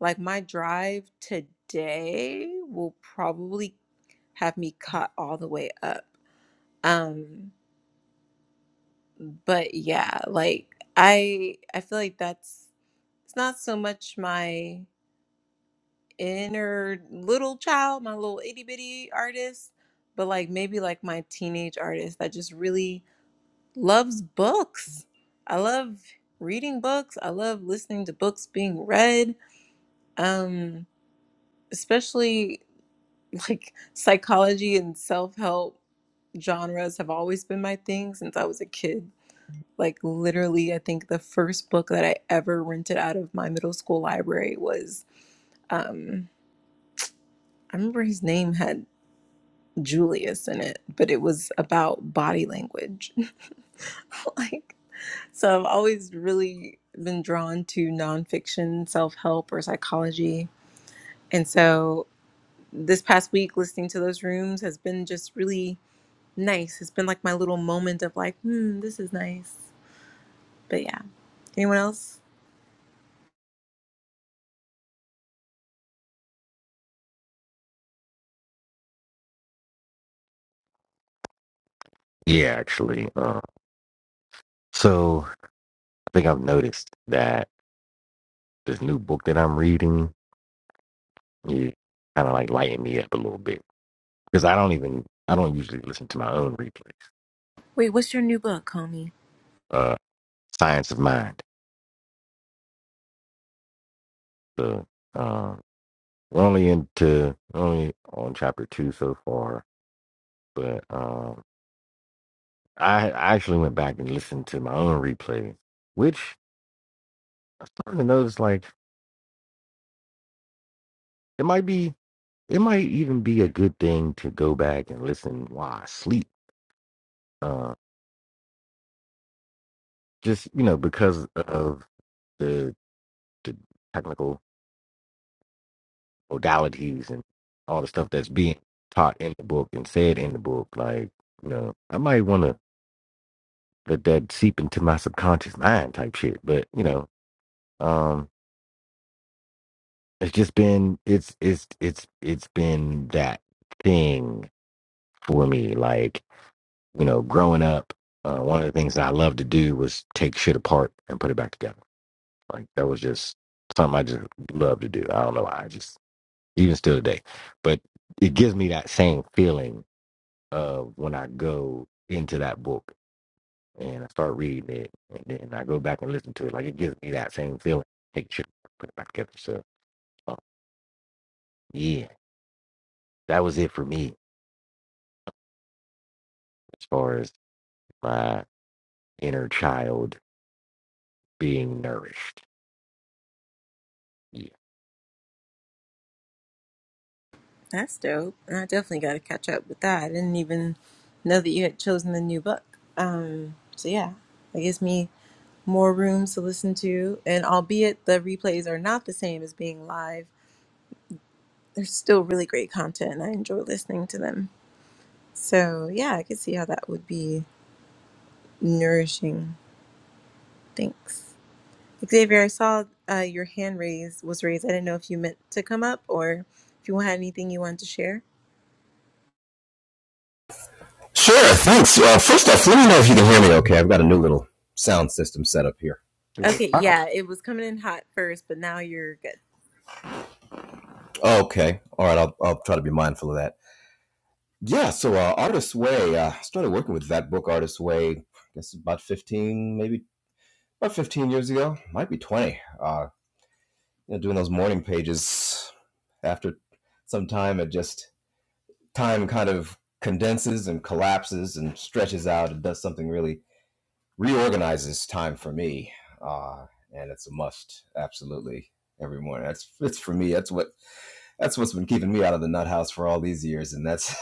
Like my drive today will probably have me caught all the way up. Um, but yeah, like I I feel like that's it's not so much my inner little child, my little itty bitty artist, but like maybe like my teenage artist that just really loves books. I love reading books. I love listening to books being read, um, especially like psychology and self help genres have always been my thing since I was a kid. Like, literally, I think the first book that I ever rented out of my middle school library was um, I remember his name had Julius in it, but it was about body language. like, so I've always really been drawn to nonfiction, self help, or psychology. And so this past week, listening to those rooms has been just really nice. It's been like my little moment of like, hmm, this is nice. But yeah, anyone else? it. Yeah, actually. Uh, so I think I've noticed that. this new book that I'm reading, you kind of like lighten me up a little bit because I don't even I don't usually listen to my own replays. Wait, what's your new book, homie? Uh, Science of Mind. So um, we're only into only on chapter two so far, but um, I I actually went back and listened to my own replays, which I'm starting to notice like it might be it might even be a good thing to go back and listen while I sleep. Uh, just you know because of the the technical modalities and all the stuff that's being taught in the book and said in the book. Like, you know, I might want to let that seep into my subconscious mind type shit. But you know, um, it's just been it's it's it's it's been that thing for me. Like, you know, growing up, uh, one of the things that I loved to do was take shit apart and put it back together. Like that was just something I just loved to do. I don't know why. I just even still today, but it gives me that same feeling uh, when I go into that book and I start reading it, and then I go back and listen to it. Like it gives me that same feeling. Take shit, put it back together. So, um, yeah, that was it for me as far as my inner child being nourished. Yeah, That's dope. And I definitely got to catch up with that. I didn't even know that you had chosen the new book. Um, so yeah, that gives me more rooms to listen to. And albeit the replays are not the same as being live, they're still really great content and I enjoy listening to them. So yeah, I could see how that would be nourishing. Thanks. Xavier, I saw uh, your hand raise was raised. I didn't know if you meant to come up or if you had anything you wanted to share. Sure, thanks. Well, first off, let me know if you can hear me okay. I've got a new little sound system set up here. hell Okay, yeah, it was coming in hot first, but now you're good. Oh, Okay. All right. I'll, I'll try to be mindful of that. Yeah. So, uh, Artist's Way, I uh, started working with that book, Artist's Way, I guess about 15, maybe about 15 years ago, might be 20. Uh, you know, doing those morning pages after some time, it just, time kind of condenses and collapses and stretches out and does something really Reorganizes time for me, uh, and it's a must absolutely every morning. That's it's for me. That's what that's what's been keeping me out of the nut house for all these years, and that's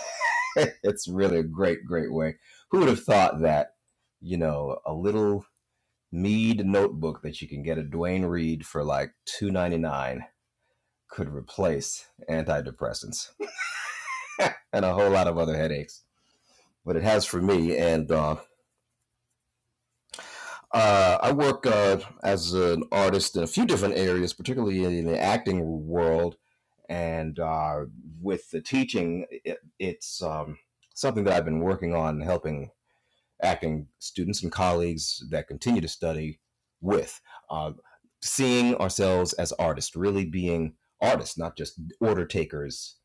it's really a great great way. Who would have thought that you know a little mead notebook that you can get at Dwayne Reed for like two ninety nine could replace antidepressants and a whole lot of other headaches. But it has for me, and uh, Uh, I work uh, as an artist in a few different areas, particularly in the acting world. And uh, with the teaching, it, it's um, something that I've been working on helping acting students and colleagues that continue to study with. Uh, seeing ourselves as artists, really being artists, not just order takers,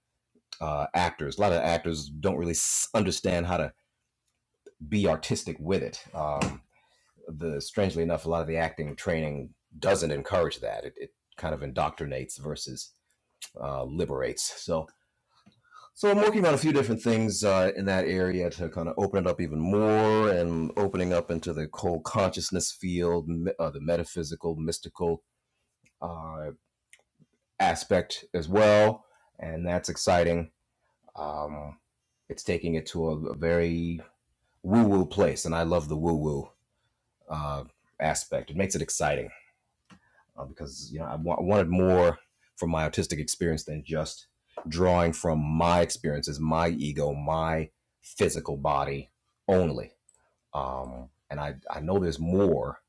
uh, actors. A lot of actors don't really understand how to be artistic with it. Um, the strangely enough, a lot of the acting training doesn't encourage that. It, it kind of indoctrinates versus uh, liberates. So, so I'm working on a few different things uh, in that area to kind of open it up even more, and opening up into the cold consciousness field, uh, the metaphysical, mystical uh, aspect as well, and that's exciting. Um, it's taking it to a, a very woo-woo place, and I love the woo-woo uh, aspect. It makes it exciting uh, because you know I wa- I wanted more from my artistic experience than just drawing from my experiences, my ego, my physical body only. Um, and I I know there's more,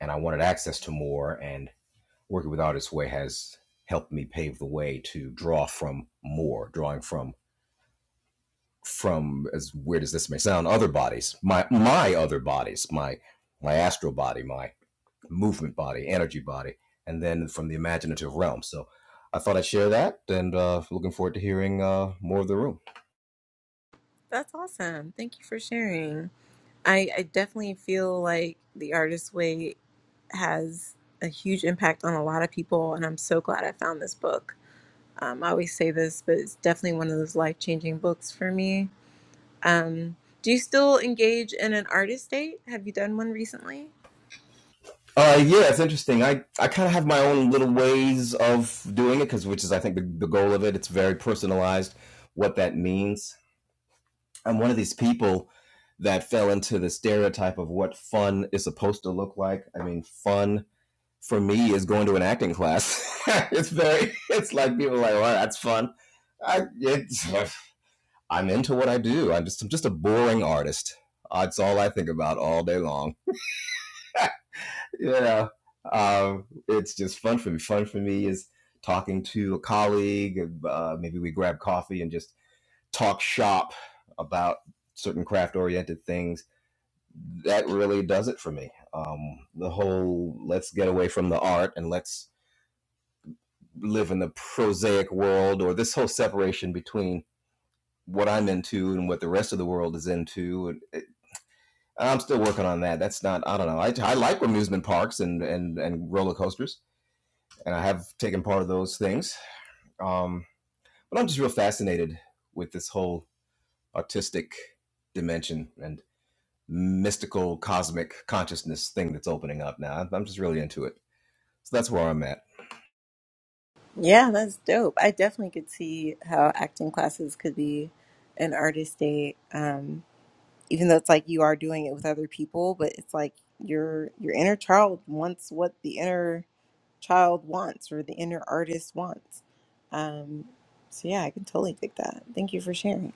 and I wanted access to more. And working with Artist Way has helped me pave the way to draw from more, drawing from from as weird as this may sound, other bodies, my my other bodies, my my astral body, my movement body, energy body, and then from the imaginative realm. So I thought I'd share that, and uh, looking forward to hearing uh, more of the room. That's awesome. Thank you for sharing. I, I definitely feel like the artist way has a huge impact on a lot of people, and I'm so glad I found this book. Um, I always say this, but it's definitely one of those life changing books for me. Um, do you still engage in an artist date? Have you done one recently? Uh, yeah, it's interesting. I, I kind of have my own little ways of doing it, because which is I think the, the goal of it. It's very personalized what that means. I'm one of these people that fell into the stereotype of what fun is supposed to look like. I mean, fun for me is going to an acting class. it's very, it's like people are like, well, that's fun. I, it, I'm into what I do. I'm just I'm just a boring artist. That's all I think about all day long. yeah, um, it's just fun for me. Fun for me is talking to a colleague. Uh, maybe we grab coffee and just talk shop about certain craft oriented things. That really does it for me. Um, the whole let's get away from the art and let's live in the prosaic world, or this whole separation between what I'm into and what the rest of the world is into. I'm still working on that. That's not. I don't know. I, I like amusement parks and, and and roller coasters, and I have taken part of those things. Um, but I'm just real fascinated with this whole artistic dimension and mystical cosmic consciousness thing that's opening up now. I'm just really into it. So that's where I'm at. Yeah, that's dope. I definitely could see how acting classes could be an artist date. Um, even though it's like you are doing it with other people but it's like your your inner child wants what the inner child wants or the inner artist wants um so yeah i can totally dig that thank you for sharing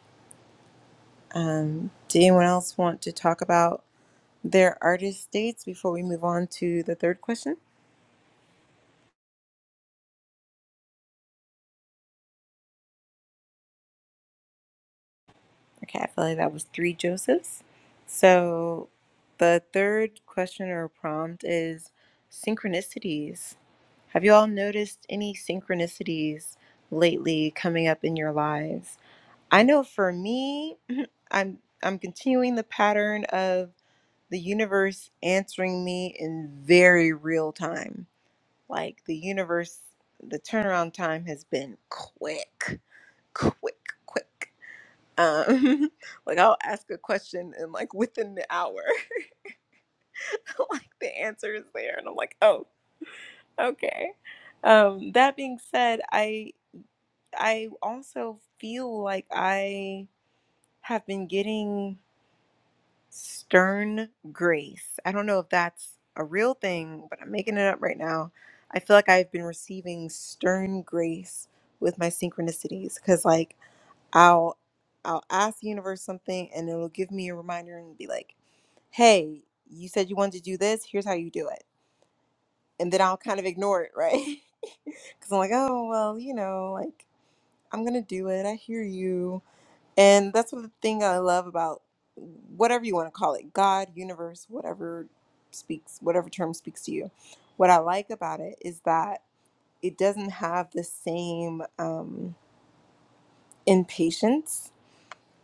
um did anyone else want to talk about their artist dates before we move on to the third question Okay, I feel like that was three Josephs. So the third question or prompt is synchronicities. Have you all noticed any synchronicities lately coming up in your lives? I know for me, I'm I'm continuing the pattern of the universe answering me in very real time. Like the universe, the turnaround time has been quick, quick, quick. Um, like I'll ask a question and like within the hour, like the answer is there, and I'm like, oh, okay. Um, that being said, I I also feel like I have been getting stern grace. I don't know if that's a real thing, but I'm making it up right now. I feel like I've been receiving stern grace with my synchronicities because like I'll I'll ask the universe something and it'll give me a reminder and be like hey, you said you wanted to do this, here's how you do it. And then I'll kind of ignore it, right? Because I'm like, oh, well, you know, like, I'm going to do it. I hear you. And that's what the thing I love about whatever you want to call it God, universe, whatever speaks, whatever term speaks to you. What I like about it is that it doesn't have the same um, impatience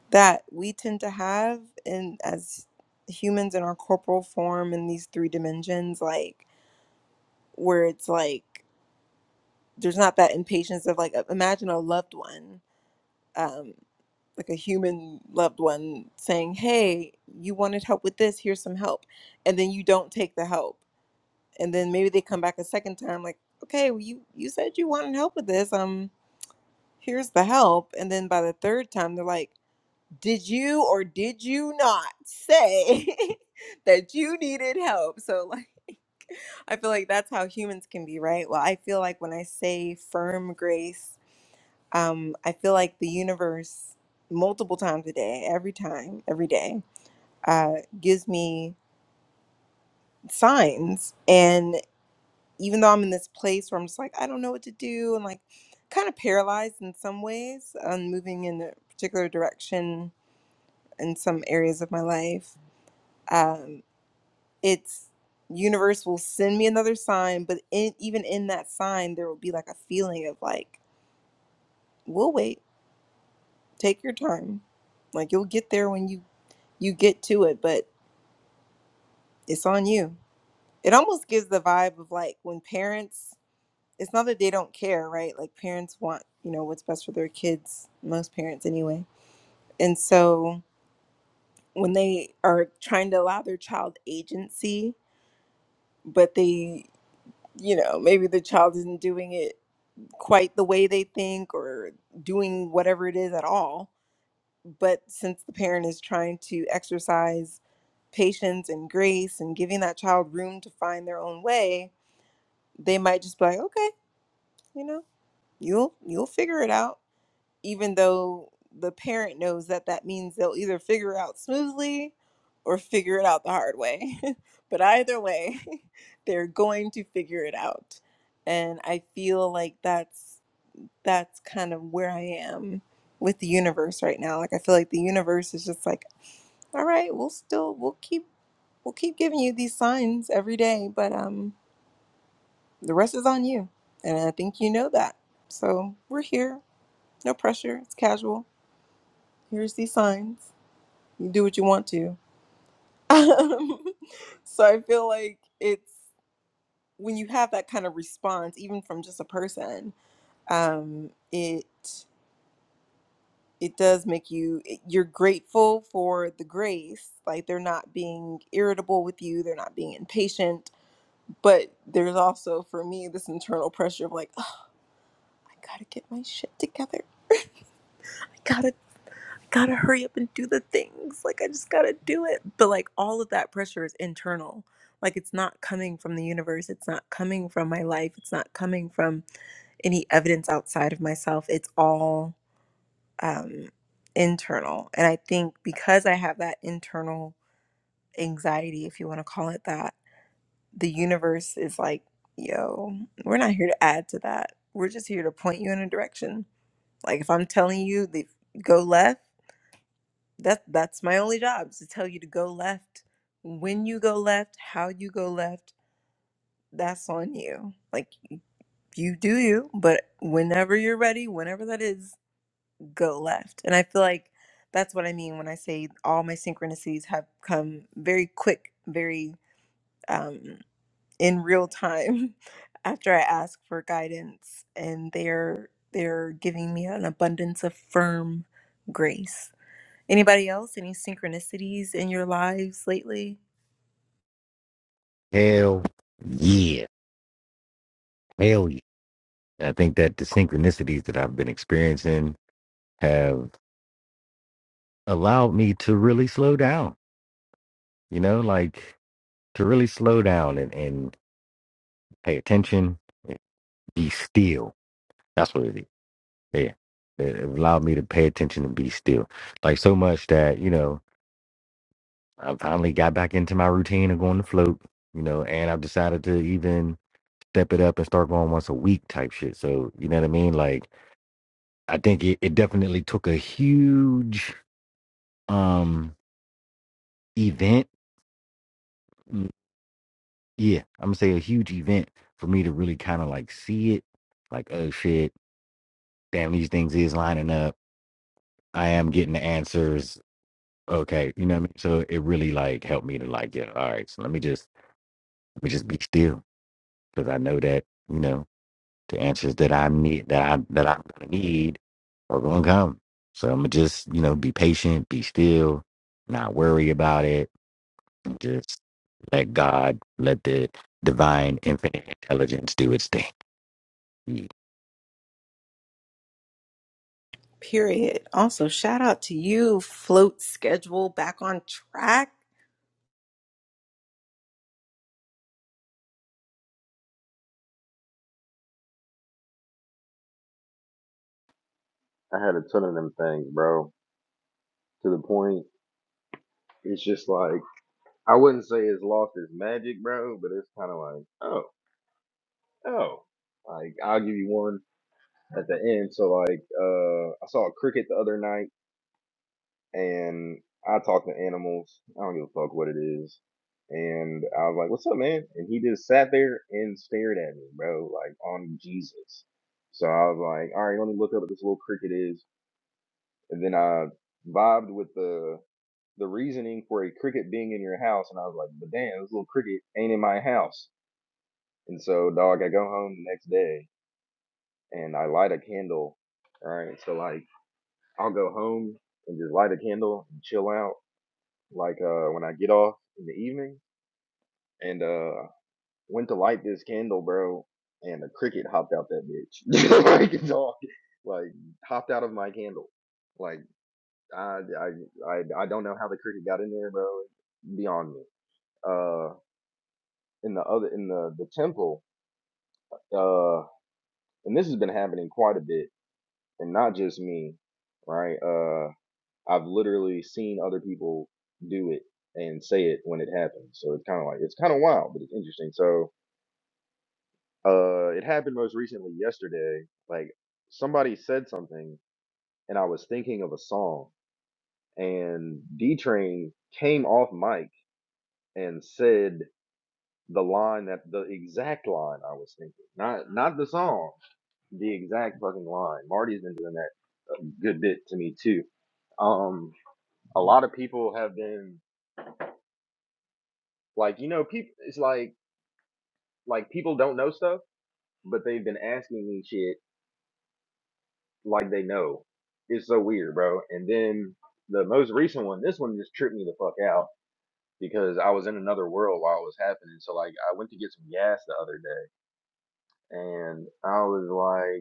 that we tend to have in as humans in our corporal form in these three dimensions like where it's like there's not that impatience of like imagine a loved one um like a human loved one saying hey you wanted help with this here's some help and then you don't take the help and then maybe they come back a second time like okay well, you you said you wanted help with this um here's the help and then by the third time they're like did you or did you not say that you needed help so like I feel like that's how humans can be, right? Well, I feel like when I say firm grace, um, I feel like the universe, multiple times a day, every time, every day, uh, gives me signs. And even though I'm in this place where I'm just like, I don't know what to do, and like kind of paralyzed in some ways, um, moving in a particular direction in some areas of my life. um, it's universe will send me another sign but in, even in that sign there will be like a feeling of like we'll wait take your time like you'll get there when you you get to it but it's on you it almost gives the vibe of like when parents it's not that they don't care right like parents want you know what's best for their kids most parents anyway and so when they are trying to allow their child agency but they you know maybe the child isn't doing it quite the way they think or doing whatever it is at all. But since the parent is trying to exercise patience and grace and giving that child room to find their own way, they might just be like, "Okay, you know, you'll you'll figure it out," even though the parent knows that that means they'll either figure it out smoothly or figure it out the hard way. but either way, they're going to figure it out. And I feel like that's that's kind of where I am with the universe right now. Like I feel like the universe is just like, all right, we'll still we'll keep we'll keep giving you these signs every day, but um the rest is on you. And I think you know that. So we're here. No pressure. It's casual. Here's these signs. You do what you want to. Um, so I feel like it's when you have that kind of response, even from just a person, um, it it does make you eh, you're grateful for the grace like they're not being irritable with you they're not being impatient but there's also for me this internal pressure of like oh, i gotta get my shit together i gotta gotta hurry up and do the things like i just gotta do it but like all of that pressure is internal like it's not coming from the universe it's not coming from my life it's not coming from any evidence outside of myself it's all um, internal. And I think because I have that internal anxiety, if you want to call it that, the universe is like, yo, we're not here to add to that. We're just here to point you in a direction. Like if I'm telling you the go left, that that's my only job is to tell you to go left. When you go left, how you go left, that's on you. Like you do you, but whenever you're ready, whenever that is, go left. And I feel like that's what I mean when I say all my synchronicities have come very quick, very um, in real time after I ask for guidance, and they're they're giving me an abundance of firm grace. Anybody else? Any synchronicities in your lives lately? yeah, hell yeah. I think that the synchronicities that I've been experiencing have allowed me to really slow down. You know, like to really slow down and and pay attention be still. That's what it is. Yeah. It, it allowed me to pay attention and be still. Like so much that, you know, I finally got back into my routine of going to float, you know, and I've decided to even step it up and start going once a week type shit. So, you know what I mean? Like I think it, it definitely took a huge um event. Mm, Yeah, I'm gonna say a huge event for me to really kind of like see it. Like, oh shit, damn, these things is lining up. I am getting the answers Okay, you know what I mean? So it really like helped me to like, yeah, all right, so let me just let me just be still because I know that, you know, the answers that I need that I that I'm gonna need are gonna come. So I'm gonna just, you know, be patient, be still, not worry about it, and just let God, let the divine infinite intelligence do its thing. Mm. Period. Also, shout out to you, float schedule back on track. I had a ton of them things, bro. To the point, it's just like I wouldn't say it's lost its magic, bro, but it's kind of like, oh, oh, like I'll give you one at the end. So like, uh, I saw a cricket the other night, and I talk to animals. I don't give a fuck what it is. And I was like, "What's up, man?" And he just sat there and stared at me, bro, like on Jesus. So I was like, "All right, let me look up what this little cricket is." And then I vibed with the the reasoning for a cricket being in your house, and I was like, but damn, this little cricket ain't in my house. And so, dog, I go home the next day and I light a candle. All right, So, like, I'll go home and just light a candle and chill out, like, uh, when I get off in the evening. And, uh, went to light this candle, bro, and a cricket hopped out that bitch. like, dog, like, hopped out of my candle. Like, I, I, I, I don't know how the cricket got in there, bro. Beyond me. Uh, in the other in the the temple uh and this has been happening quite a bit and not just me right uh i've literally seen other people do it and say it when it happens so it's kind of like it's kind of wild but it's interesting so uh it happened most recently yesterday like somebody said something and i was thinking of a song and d train came off mic and said the line that the exact line i was thinking not not the song the exact fucking line. Marty's been doing that a good bit to me too. Um, a lot of people have been like, you know, people. It's like like people don't know stuff, but they've been asking me shit like they know. It's so weird, bro. And then the most recent one, this one just tripped me the fuck out because I was in another world while it was happening. So like, I went to get some gas the other day, and I was like.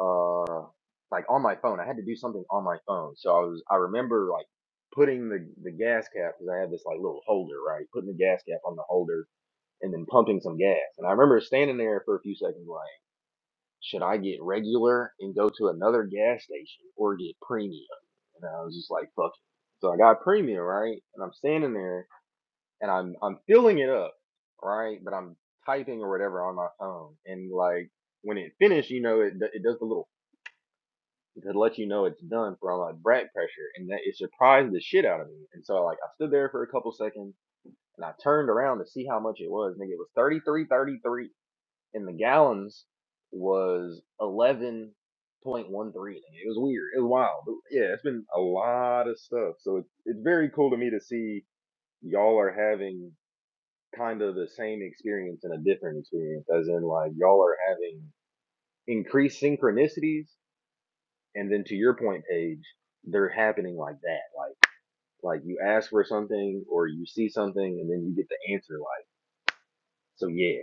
uh like on my phone. I had to do something on my phone. So I was I remember like putting the the gas cap because I had this like little holder, right? Putting the gas cap on the holder and then pumping some gas. And I remember standing there for a few seconds like, should I get regular and go to another gas station or get premium? And I was just like, fuck it. So I got premium, right? And I'm standing there and I'm I'm filling it up, right? But I'm typing or whatever on my phone and like when it finished, you know, it, d- it does the little to let you know it's done for all my back pressure, and that it surprised the shit out of me. And so like I stood there for a couple seconds, and I turned around to see how much it was. Nigga, it was thirty three thirty three, and the gallons was eleven point one three. It was weird. It was wild. But yeah, it's been a lot of stuff. So it's it's very cool to me to see y'all are having kind of the same experience and a different experience, as in like y'all are having increased synchronicities and then to your point, Paige, they're happening like that. Like like you ask for something or you see something and then you get the answer like so yeah.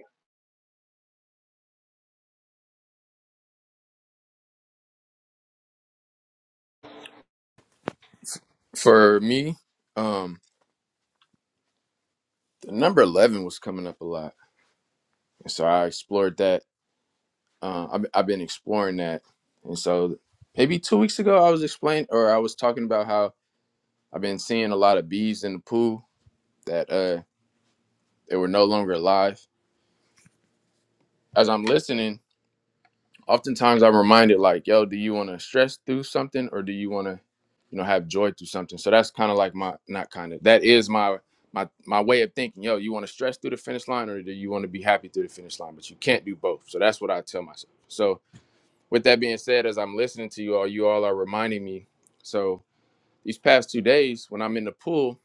For me, um, the number eleven was coming up a lot, and so I explored that. Uh, I've, I've been exploring that, and so maybe two weeks ago I was explaining, or I was talking about how I've been seeing a lot of bees in the pool that uh they were no longer alive. As I'm listening, oftentimes I'm reminded like, yo, do you want to stress through something or do you want to, you know, have joy through something? So that's kind of like my not kind of that is my my my way of thinking. Yo, you want to stress through the finish line or do you want to be happy through the finish line? But you can't do both. So that's what I tell myself. So with that being said, as I'm listening to you all, you all are reminding me. So these past two days, when I'm in the pool,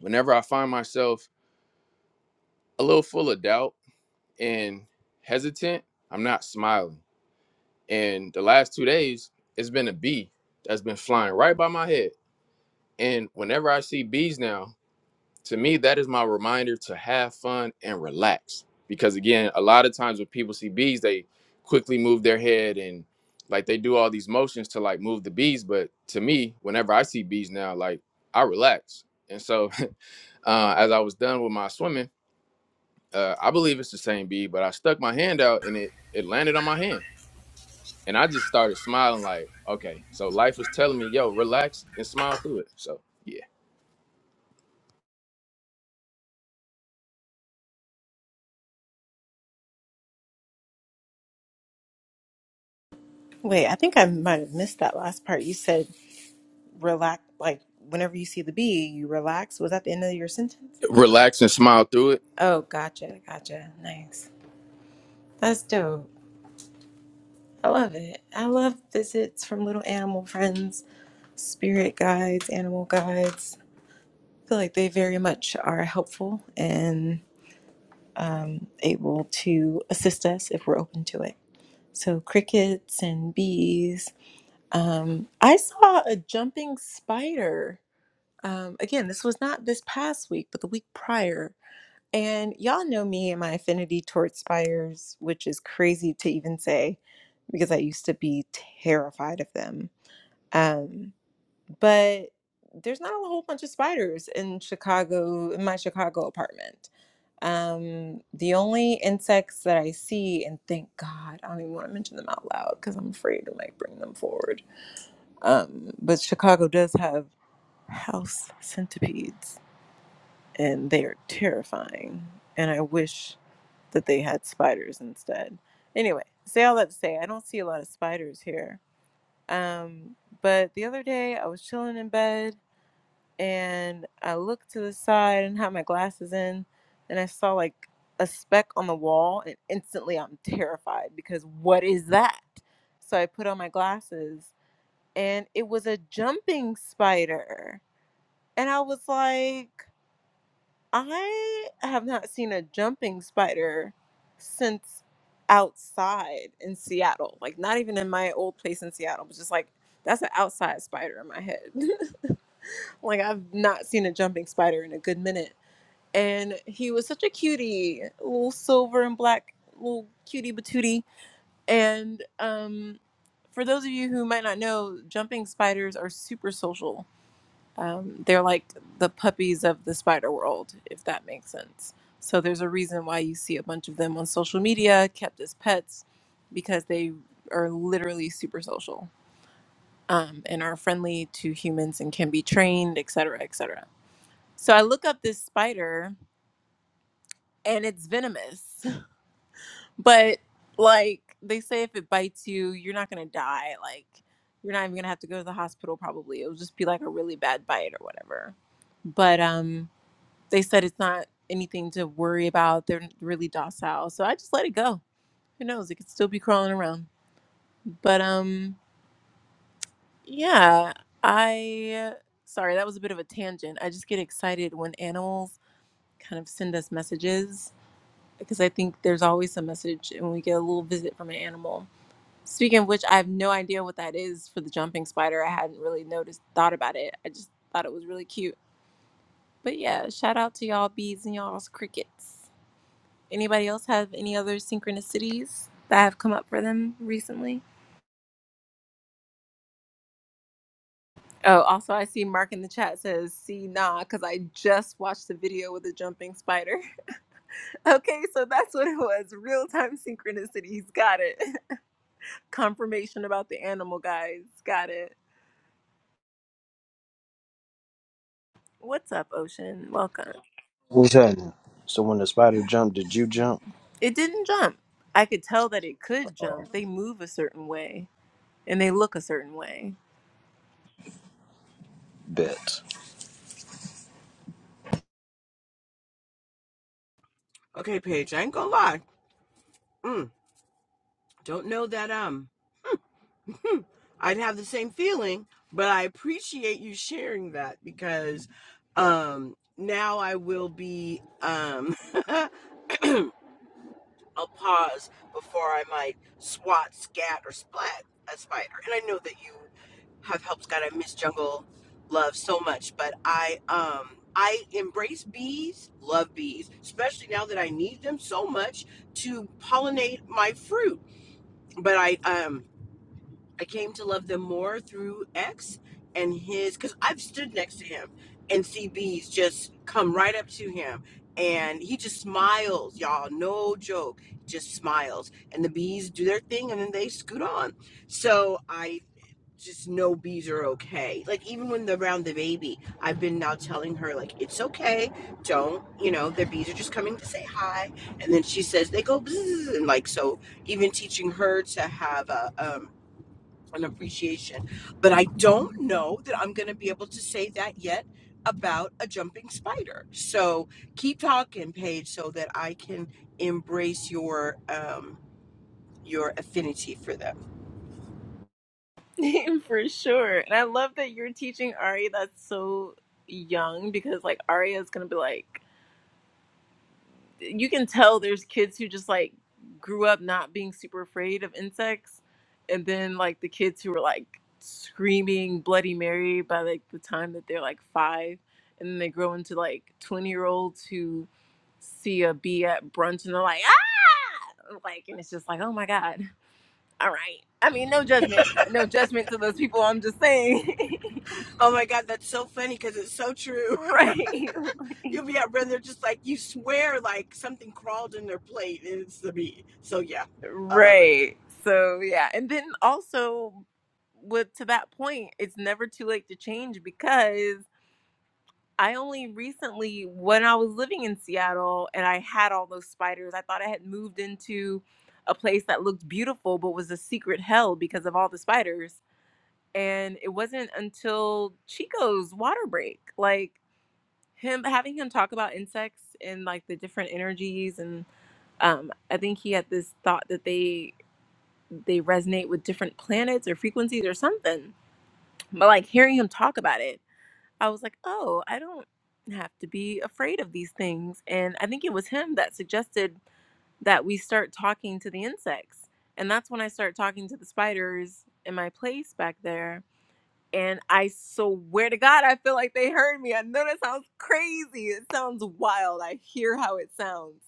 whenever I find myself a little full of doubt and hesitant, I'm not smiling. And the last two days, it's been a bee that's been flying right by my head. And whenever I see bees now, to me, that is my reminder to have fun and relax. Because again, a lot of times when people see bees, they quickly move their head and like they do all these motions to like move the bees. But to me, whenever I see bees now, like I relax. And so uh, as I was done with my swimming, uh, I believe it's the same bee, but I stuck my hand out and it, it landed on my hand And I just started smiling, like, okay, so life was telling me, yo, relax and smile through it. So, yeah, Wait, I think I might have missed that last part. You said relax like whenever you see the bee you relax was that the end of your sentence relax and smile through it. oh gotcha gotcha nice that's dope i love it i love visits from little animal friends spirit guides animal guides i feel like they very much are helpful and um, able to assist us if we're open to it so crickets and bees um, i saw a jumping spider um, again this was not this past week but the week prior And y'all know me and my affinity towards spiders, which is crazy to even say because I used to be terrified of them. Um, but there's not a whole bunch of spiders in Chicago, in my Chicago apartment. Um, the only insects that I see, and thank God, I don't even want to mention them out loud because I'm afraid to like bring them forward. Um, but Chicago does have house centipedes, and they are terrifying. And I wish that they had spiders instead. Anyway, say all that to say, I don't see a lot of spiders here. Um, but the other day, I was chilling in bed and I looked to the side and had my glasses in, and I saw like a speck on the wall, and instantly I'm terrified because what is that? So I put on my glasses and it was a jumping spider. And I was like, I have not seen a jumping spider since outside in Seattle. Like not even in my old place in Seattle, but just like that's an outside spider in my head. like I've not seen a jumping spider in a good minute. And he was such a cutie, little silver and black little cutie batootie. And um for those of you who might not know, jumping spiders are super social um, they're like the puppies of the spider world, if that makes sense. So there's a reason why you see a bunch of them on social media, kept as pets, because they are literally super social um, and are friendly to humans and can be trained, et cetera, et cetera. So I look up this spider and it's venomous, but like they say, if it bites you, you're not gonna die. Like you're not even gonna have to go to the hospital. Probably it'll just be like a really bad bite or whatever. But um, They said it's not anything to worry about. They're really docile. So I just let it go. Who knows? It could still be crawling around. But um yeah, I sorry, that was a bit of a tangent. I just get excited when animals kind of send us messages because I think there's always a message when we get a little visit from an animal. Speaking of which, I have no idea what that is for the jumping spider. I hadn't really noticed, thought about it. I just thought it was really cute. But yeah, shout out to y'all bees and y'all's crickets. Anybody else have any other synchronicities that have come up for them recently? Oh, also, I see Mark in the chat says, see, nah, because I just watched the video with the jumping spider. okay, so that's what it was real time synchronicities. Got it. Confirmation about the animal guys. Got it. What's up, Ocean? Welcome. What's happening? So when the spider jumped, did you jump? It didn't jump. I could tell that it could jump. They move a certain way and they look a certain way. Bet. Okay, Paige, I ain't gonna lie. Mm, don't know that um hmm, I'd have the same feeling, but I appreciate you sharing that because um now I will be um I'll pause before I might swat, scat, or splat a spider. And I know that you have helped Scott. I miss jungle love so much, but I um I embrace bees, love bees, especially now that I need them so much to pollinate my fruit. But I um. I came to love them more through X and his because I've stood next to him and see bees just come right up to him and he just smiles, y'all. No joke, just smiles. And the bees do their thing and then they scoot on. So I just know bees are okay. Like even when they're around the baby, I've been now telling her like it's okay. Don't you know the bees are just coming to say hi, and then she says they go bzzz and like so. Even teaching her to have a um and appreciation. But I don't know that I'm going to be able to say that yet about a jumping spider. So keep talking, Paige, so that I can embrace your um, your affinity for them. For sure. And I love that you're teaching Ari that's so young because like Ari is gonna be like you can tell there's kids who just like grew up not being super afraid of insects and then like the kids who were like screaming Bloody Mary by like the time that they're like five and then they grow into like twenty year olds who see a bee at brunch and they're like, ah like and it's just like, oh my God. All right. I mean no judgment. No judgment to those people. I'm just saying. Oh my God, that's so funny because it's so true. Right. You'll be out, brother, just like you swear like something crawled in their plate, and it's the meat. So yeah, I love it. Right. So yeah, and then also with to that point, it's never too late to change because I only recently when I was living in Seattle and I had all those spiders, I thought I had moved into a place that looked beautiful but was a secret hell because of all the spiders. And it wasn't until Chico's water break. Like him having him talk about insects and like the different energies and um I think he had this thought that they they resonate with different planets or frequencies or something. But like hearing him talk about it, I was like, "Oh, I don't have to be afraid of these things." And I think it was him that suggested that we start talking to the insects. And that's when I started talking to the spiders in my place back there and I swear to God, I feel like they heard me. I know that sounds crazy. It sounds wild. I hear how it sounds,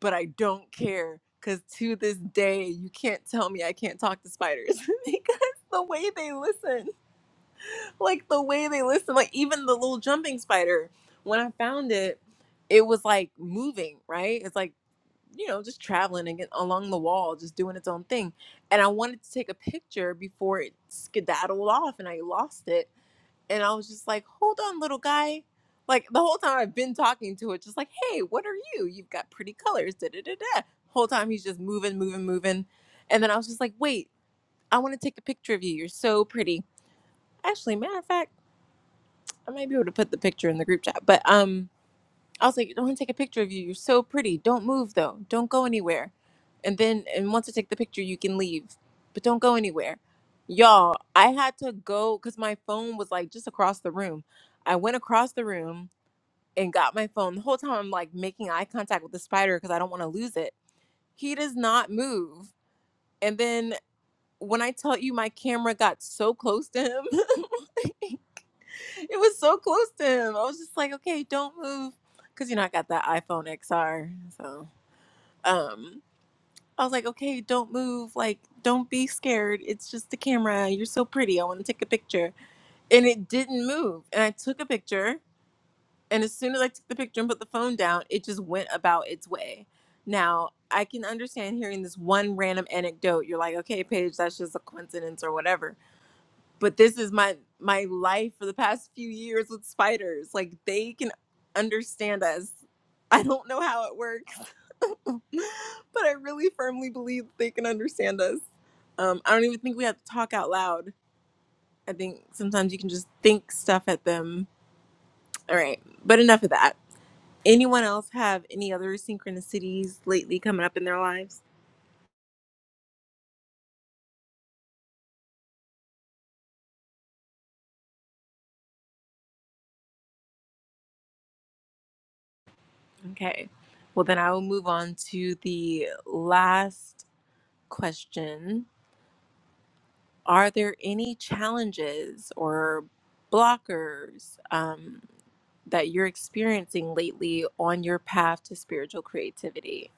but I don't care. Because to this day, you can't tell me I can't talk to spiders because the way they listen, like the way they listen, like even the little jumping spider, when I found it, it was like moving, right? It's like, you know, just traveling and get along the wall, just doing its own thing. And I wanted to take a picture before it skedaddled off and I lost it and I was just like, hold on, little guy. Like the whole time I've been talking to it, just like, hey, what are you? You've got pretty colors. Da da da da. Whole time he's just moving, moving, moving. And then I was just like, wait, I want to take a picture of you. You're so pretty. Actually, matter of fact, I might be able to put the picture in the group chat. But um I was like, I want to take a picture of you. You're so pretty. Don't move though. Don't go anywhere. And then, and once I take the picture, you can leave, but don't go anywhere. Y'all, I had to go because my phone was like just across the room. I went across the room and got my phone. The whole time I'm like making eye contact with the spider because I don't want to lose it. He does not move. And then when I tell you my camera got so close to him, It was so close to him. I was just like, okay, don't move. Cause you know, I got that iPhone XR. So um I was like, okay, don't move. Like, don't be scared. It's just the camera. You're so pretty. I want to take a picture. And it didn't move. And I took a picture. And as soon as I took the picture and put the phone down, it just went about its way. Now, I can understand hearing this one random anecdote. You're like, okay, Paige, that's just a coincidence or whatever but this is my my life for the past few years with spiders like they can understand us i don't know how it works but i really firmly believe they can understand us um, i don't even think we have to talk out loud i think sometimes you can just think stuff at them all right but enough of that anyone else have any other synchronicities lately coming up in their lives okay well then i will move on to the last question are there any challenges or blockers um, that you're experiencing lately on your path to spiritual creativity,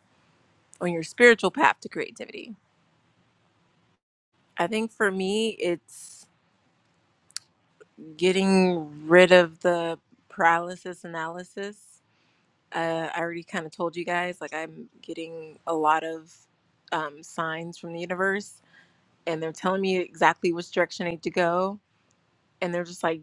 on your spiritual path to creativity? I think for me, it's getting rid of the paralysis analysis. Uh, I already kind of told you guys, like, I'm getting a lot of um, signs from the universe, and they're telling me exactly which direction I need to go. And they're just like,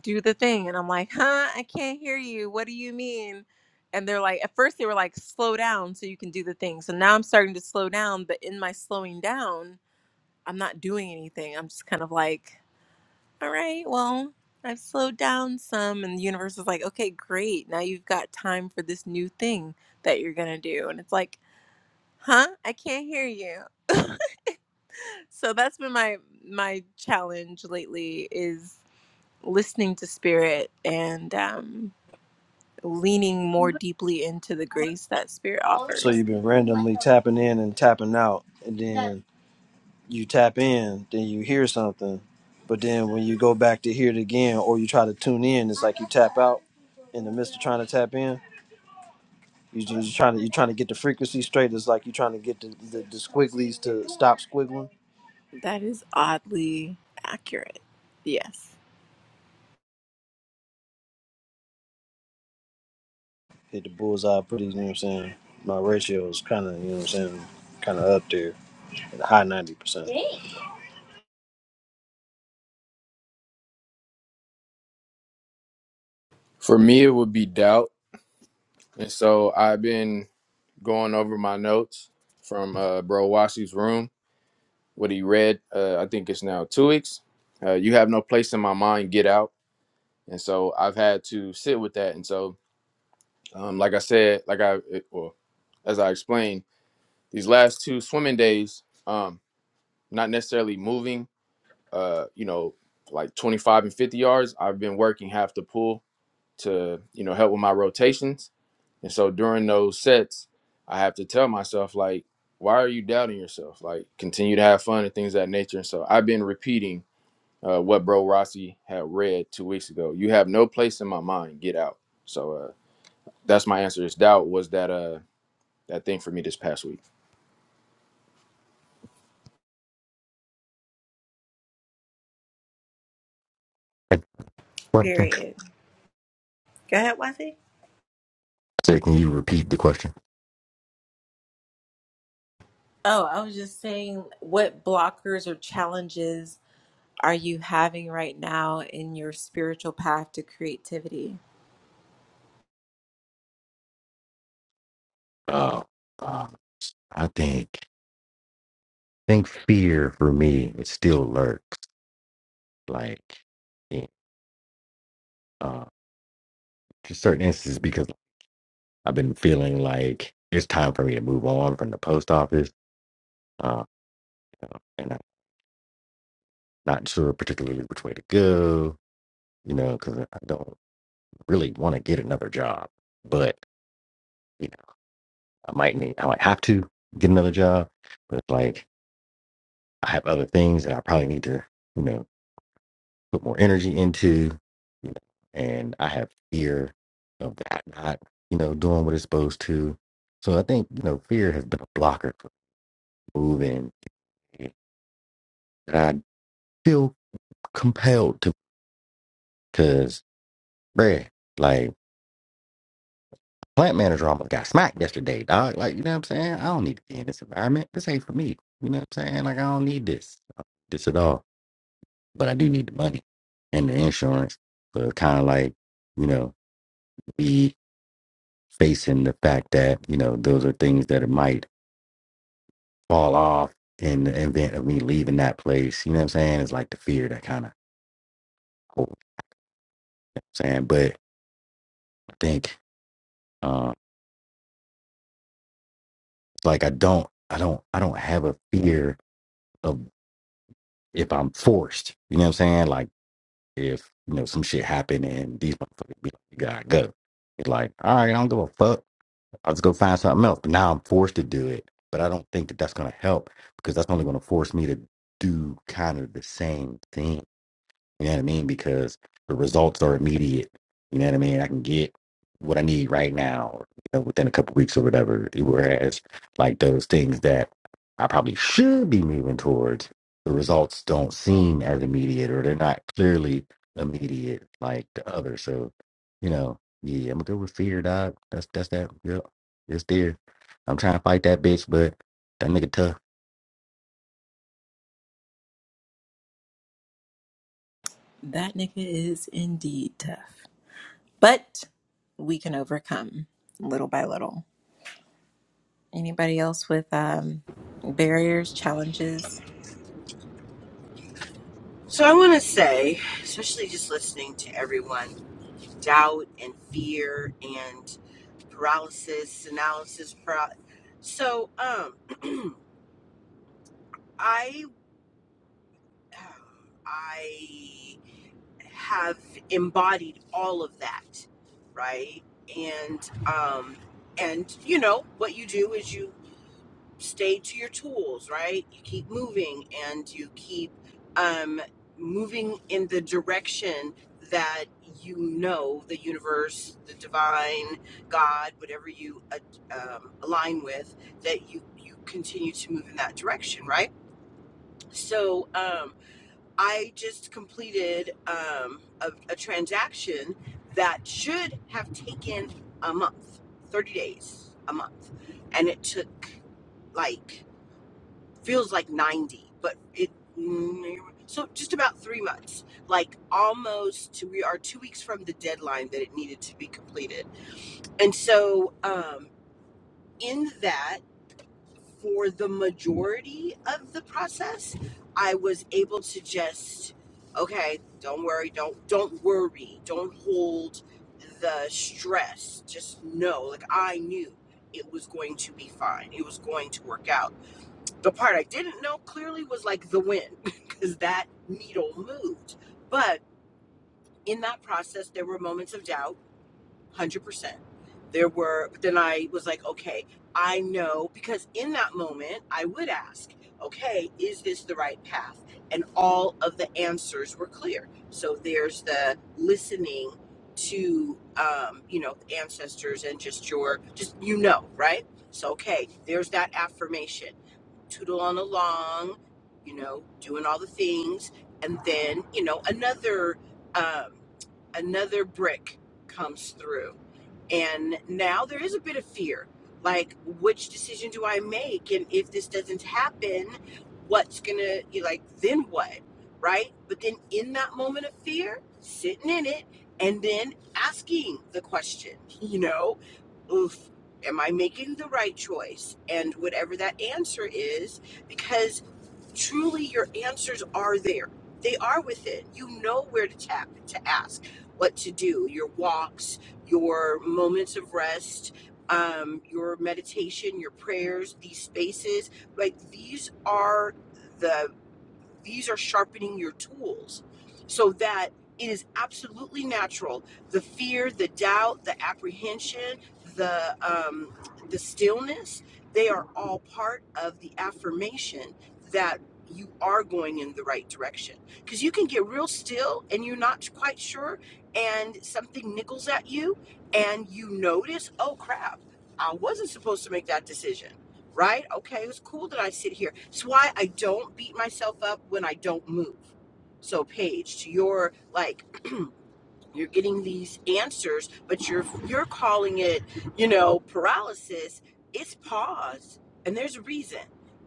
do the thing. And I'm like, huh, I can't hear you. What do you mean? And they're like, at first they were like, slow down so you can do the thing. So now I'm starting to slow down, but in my slowing down, I'm not doing anything. I'm just kind of like, all right, well, I've slowed down some. And the universe is like, okay, great. Now you've got time for this new thing that you're going to do. And it's like, huh i can't hear you so that's been my my challenge lately is listening to spirit and um leaning more deeply into the grace that spirit So offers. you've been randomly tapping in and tapping out, and then you tap in, then you hear something, but then when you go back to hear it again, or you try to tune in, it's like you tap out in the midst of trying to tap in. You just trying to you trying to get the frequency straight. It's like you are trying to get the, the, the squigglies to stop squiggling. That is oddly accurate. Yes. Hit the bullseye pretty. You know what I'm saying? My ratio is kind of you know what I'm saying, kind of up there, in the high ninety percent. For me, it would be doubt. And so I've been going over my notes from uh, Bro Washi's room, what he read, uh, I think it's now two weeks. Uh, you have no place in my mind, get out. And so I've had to sit with that. And so, um, like I said, like I, it- well, as I explained, these last two swimming days, um, not necessarily moving uh, you know, like 25 and 50 yards, I've been working half the pull to, you know, help with my rotations. And so during those sets, I have to tell myself, like, why are you doubting yourself? Like, continue to have fun and things of that nature. And so I've been repeating uh, what Bro Rossi had read two weeks ago. You have no place in my mind. Get out. So uh, that's my answer. Is doubt was that uh that thing for me this past week. Uh, Question. Period. Go ahead, Wifey. So can you repeat the question? Oh, I was just saying, what blockers or challenges are you having right now in your spiritual path to creativity? Oh, um, I think think fear for me it still lurks. Like uh, to certain instances because I've been feeling like it's time for me to move on from the post office, uh, you know, and I'm not sure particularly which way to go, you know, because I don't really want to get another job, but you know, I might need, I might have to get another job, but it's like I have other things that I probably need to, you know, put more energy into, you know, and I have fear of that not, you know, doing what it's supposed to. So I think you know fear has been a blocker for moving that I feel compelled to because bruh, like plant manager almost got smacked yesterday, dog. Like, you know what I'm saying? I don't need to be in this environment. This ain't for me. You know what I'm saying? Like I don't need this. I don't need this at all. But I do need the money and the insurance. So it's kinda like, you know, be facing the fact that, you know, those are things that it might fall off in the event of me leaving that place. You know what I'm saying? It's like the fear that kinda holds, you know what I'm saying? But I think um like I don't I don't I don't have a fear of if I'm forced. You know what I'm saying? Like if you know some shit happen and these motherfuckers be like, you gotta go. It's like, all right, I don't give a fuck. I'll just go find something else. But now I'm forced to do it. But I don't think that that's gonna help because that's only gonna force me to do kind of the same thing you know what I mean? Because the results are immediate. You know what I mean? I can get what I need right now, or, you know, within a couple weeks or whatever. Whereas, like those things that I probably should be moving towards, the results don't seem as immediate, or they're not clearly immediate like the other. So, you know, yeah, I'm good with fear, dog. That's that's that. Yep, it's there. I'm trying to fight that bitch, but that nigga tough. That nigga is indeed tough, but we can overcome little by little. Anybody else with um, barriers, challenges? So I want to say, especially just listening to everyone, doubt and fear and. paralysis, analysis, para- so um, I I have embodied all of that, right? And um, and you know what you do is you stay to your tools, right? You keep moving and you keep um, moving in the direction that you know the universe, the divine, God, whatever you uh, um, align with, that you you continue to move in that direction, right? So um, I just com- um, a, a vision that in a month, thirty days, a month, and it took like feels like 90, but it so just about three months, like almost we are two week deadline that it needed to be completed. And so, um, in that, for the majority of the process, I was able to just okay, don't worry, don't don't worry, don't hold the stress. Just know, like I knew it was going to be fine. It was going to work out The part I didn't know clearly was like the wind, because that needle moved. But in that process, there were moments of doubt, 100%. There were, but then I was like, okay, I know, because in that moment, I would ask, okay, is this the right path? And all of the answers were clear. So there's the listening to, um, you know, ancestors and just your, just, you know, right? So, okay, there's that affirmation tootling along, you know, doing all the things, and then you know another um, another brick comes through, and now there is a bit of fear, like which decision do I make, and if this doesn't happen, what's gonna you like then what, right? But then in that moment of fear, sitting in it, and then asking the question, you know oof, am I making the right choice? And whatever that answer is, because truly your answers are there. They are within. You know where to tap, to ask, what to do, your walks, your moments of rest, um, your meditation, your prayers, these spaces. Like these are the these are sharpening your tools so that it is absolutely natural the fear the doubt the apprehension the um, the stillness they are all part of the affirmation that you are going in the right direction because you can get real still and you're not quite sure and something nickels at you and you notice oh crap i wasn't supposed to make that decision right okay it was cool that i sit here it's why i don't beat myself up when i don't move so paige to your like you're getting these answers, but you're you're calling it, you know, paralysis. It's pause, and there's a reason.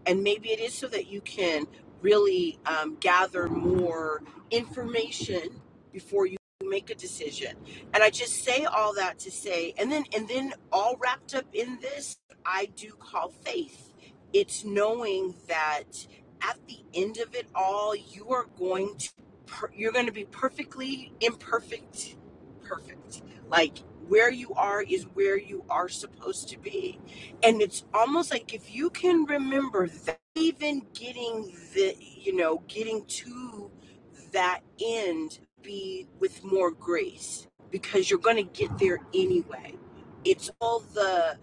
And maybe it is so that you can really um, gather more information before you make a decision. And I just say all that to say, and then and then all wrapped up in this, I do call faith. It's knowing that at the end of it all, you are going to per, you're going to be perfectly imperfect perfect like where you are is where you are supposed to be and it's almost like if you can remember that even getting the you know getting to that end be with more grace because you're going to get there anyway it's all the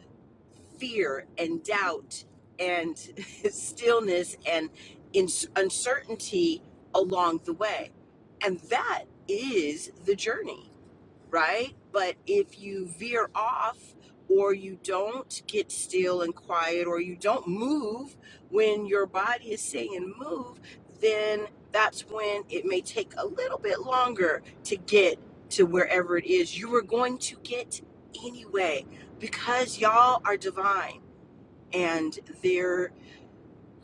fear and doubt and stillness and in, uncertainty along the way and that is the journey, right? But if you veer off or you don't get still and quiet or you don't move when your body is saying move, then that's when it may take a little bit longer to get to wherever it is you were going to get anyway because y'all are divine and there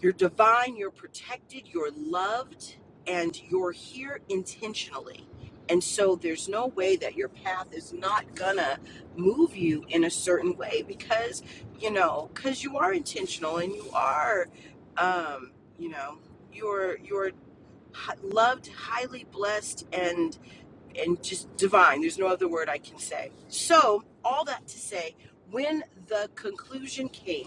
you're divine, you're protected, you're loved, and you're here intentionally. And so there's no way that your path is not gonna move you in a certain way because, you know, because you are intentional and you are, um, you know, you're you're h- loved and and divine. There's no other way to say. So all that to say, when the conclusion came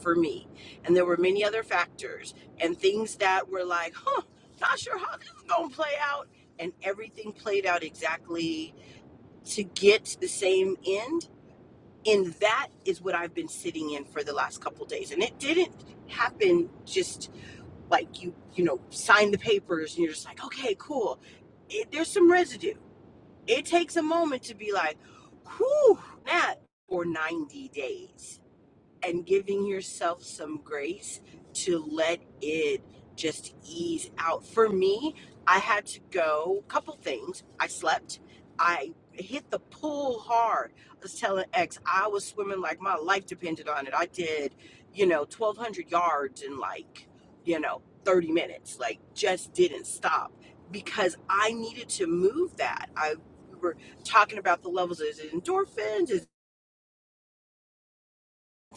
for me. And there were many other factors and things that were like, huh, not sure how this is going to play out. And everything played out exactly to get to the same end. And that is what I've been sitting in for the last couple days. And it didn't happen just like you, you know, sign the papers and you're just like, okay, cool. It, there's some residue. It takes a moment to be like, whew, that for 90 days and giving yourself some grace to let it just ease out. For me, I had to go a couple things. I slept. I hit the pool hard. I was telling X, I was swimming like my life depended on it. I did, you know, 1,200 yards in like, you know, 30 minutes, like just didn't stop because I needed to move that. I we were talking about the levels of endorphins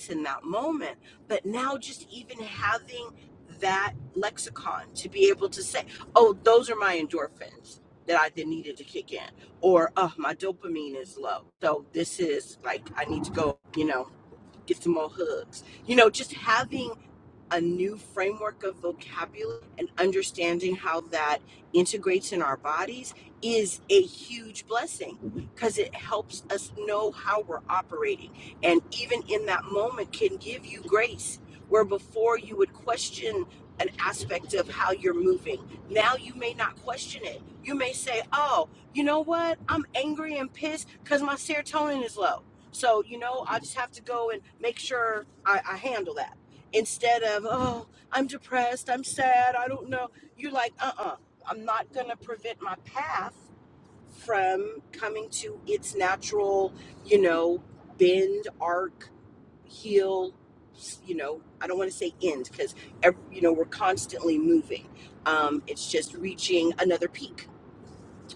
in that moment. But now, just even having that lexicon to be able to say, oh, those are my endorphins that I then needed to kick in, or oh, my dopamine is low. So this is like, I need to go, you know, get some more hugs. You know, just having a new framework of vocabulary and understanding how that integrates in our bodies is a huge blessing because it helps us know how we're operating and even in that moment can give you grace where before you would question an aspect of how you're moving now you may not question it you may say oh you know what i'm angry and pissed because my serotonin is low so you know i just have to go and make sure i, I handle that instead of oh i'm depressed i'm sad i don't know you're like uh-uh i'm not going to prevent my path from coming to its natural you know bend arc heel. s- you know i don't want to say end because you know we're constantly moving um it's just reaching another peak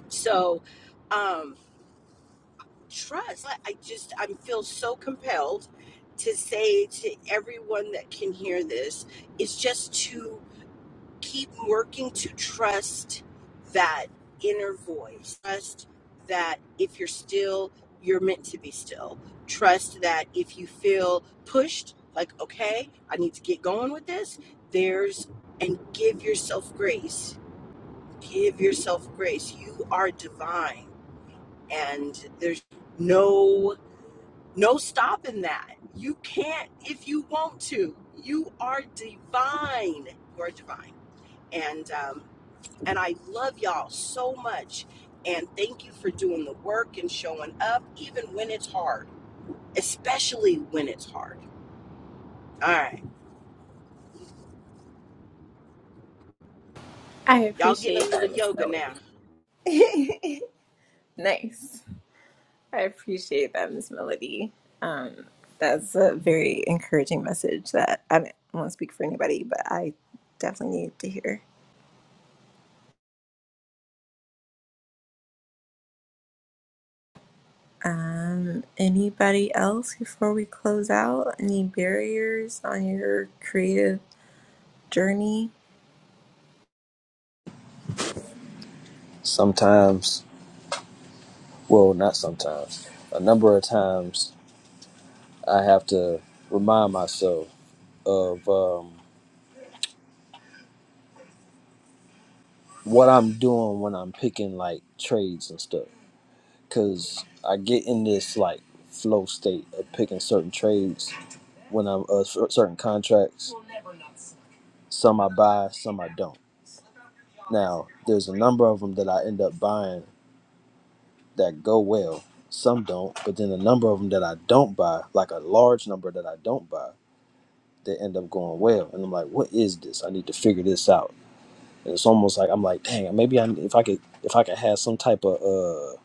so um trust i, I just i feel so compelled to say to everyone that can hear this is just to keep working to trust that inner voice. Trust that if you're still, you're meant to be still. Trust that if you feel pushed, like, okay, I need to get going with this, there's, and give yourself grace. Give yourself grace. You are divine, and there's no no stopping that. You can't if you want to. You are divine. You are divine, and um, and I love y'all so much. And thank you for doing the work and showing up, even when it's hard, especially when it's hard. All right, I y'all. appreciate that, Miss Now, Melody. Nice. I appreciate that, Miss Melody. Um, that's a very encouraging message that I, mean, I won't speak for anybody, but I definitely needed to hear. Um, anybody else before we close out? Any barriers on your creative journey? Sometimes well, not sometimes, a number of times I have to remind myself of um, what I'm doing when I'm picking like trades and stuff. Cause I get in this like flow state of picking certain trades when I'm uh, cer- certain contracts. Some I buy, some I don't. Now, there's a number of them that I end up buying that go well. Some don't, but then a number of them that I don't buy, like a large number that I don't buy that end up going well. And I'm like, what is this? I need to figure this out. And it's almost like I'm like, dang, maybe I if I could if I could have some type of uh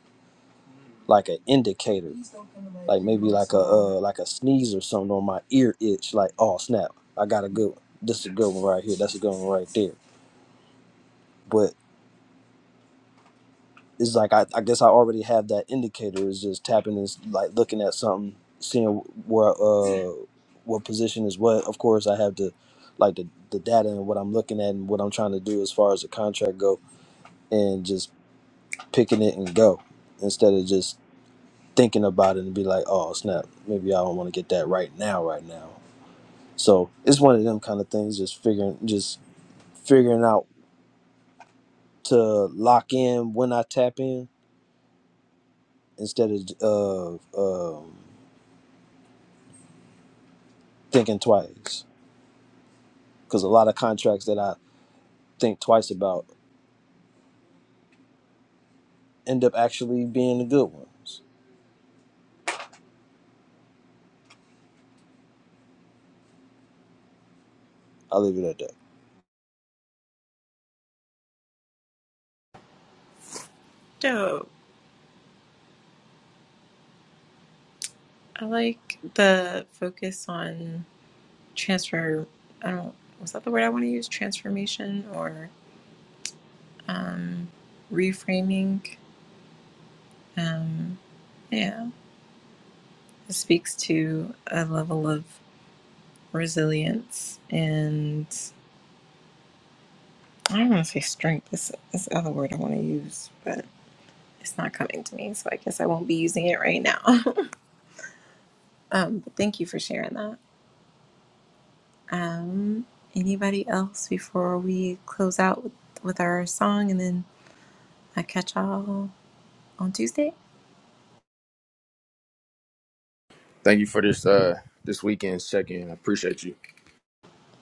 like an indicator, like maybe like a uh like a sneeze or something on my ear itch, like oh snap, I got a good one. this is a good one right here, that's a good one right there. but." it's like I, I guess I already have that indicator. It's just tapping is like looking at something, seeing where uh what position is what. Of course, I have the like the the data and what I'm looking at and what I'm trying to do as far as the contract go, and just picking it and go instead of just thinking about it and be like, oh snap, maybe I don't want to get that right now, right now. So it's one of them kind of things. Just figuring, just figuring out to lock in when I tap in instead of uh, um. thinking twice because a lot of contracts that I think twice about end up actually being the good ones. I'll leave it at that. Dope. I like the focus on transfer. I don't, was that the word I want to use? Transformation or um, reframing? Um, yeah. speaks to a level of resilience and I don't want to say strength. This this other word I want to use, but it's not coming to me, so I guess I won't be using it right now. um, but thank you for sharing that. Um, anybody else before we close out with, with our song, and then I catch y'all on Tuesday. Thank you for this uh this weekend's check in. I appreciate you.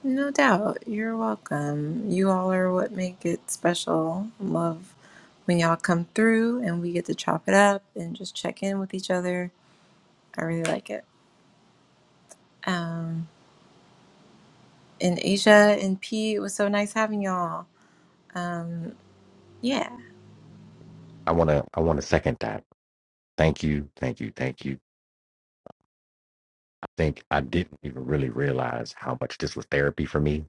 No doubt. You're welcome. You all are what make it special. Love when y'all come through and we get to chop it up and just check in with each other. I really like it. Um, and Asia and P, it was so nice having y'all. Um, yeah, I wanna I wanna second that. Thank you, thank you, thank you. think I didn't even really realize how much this was therapy for me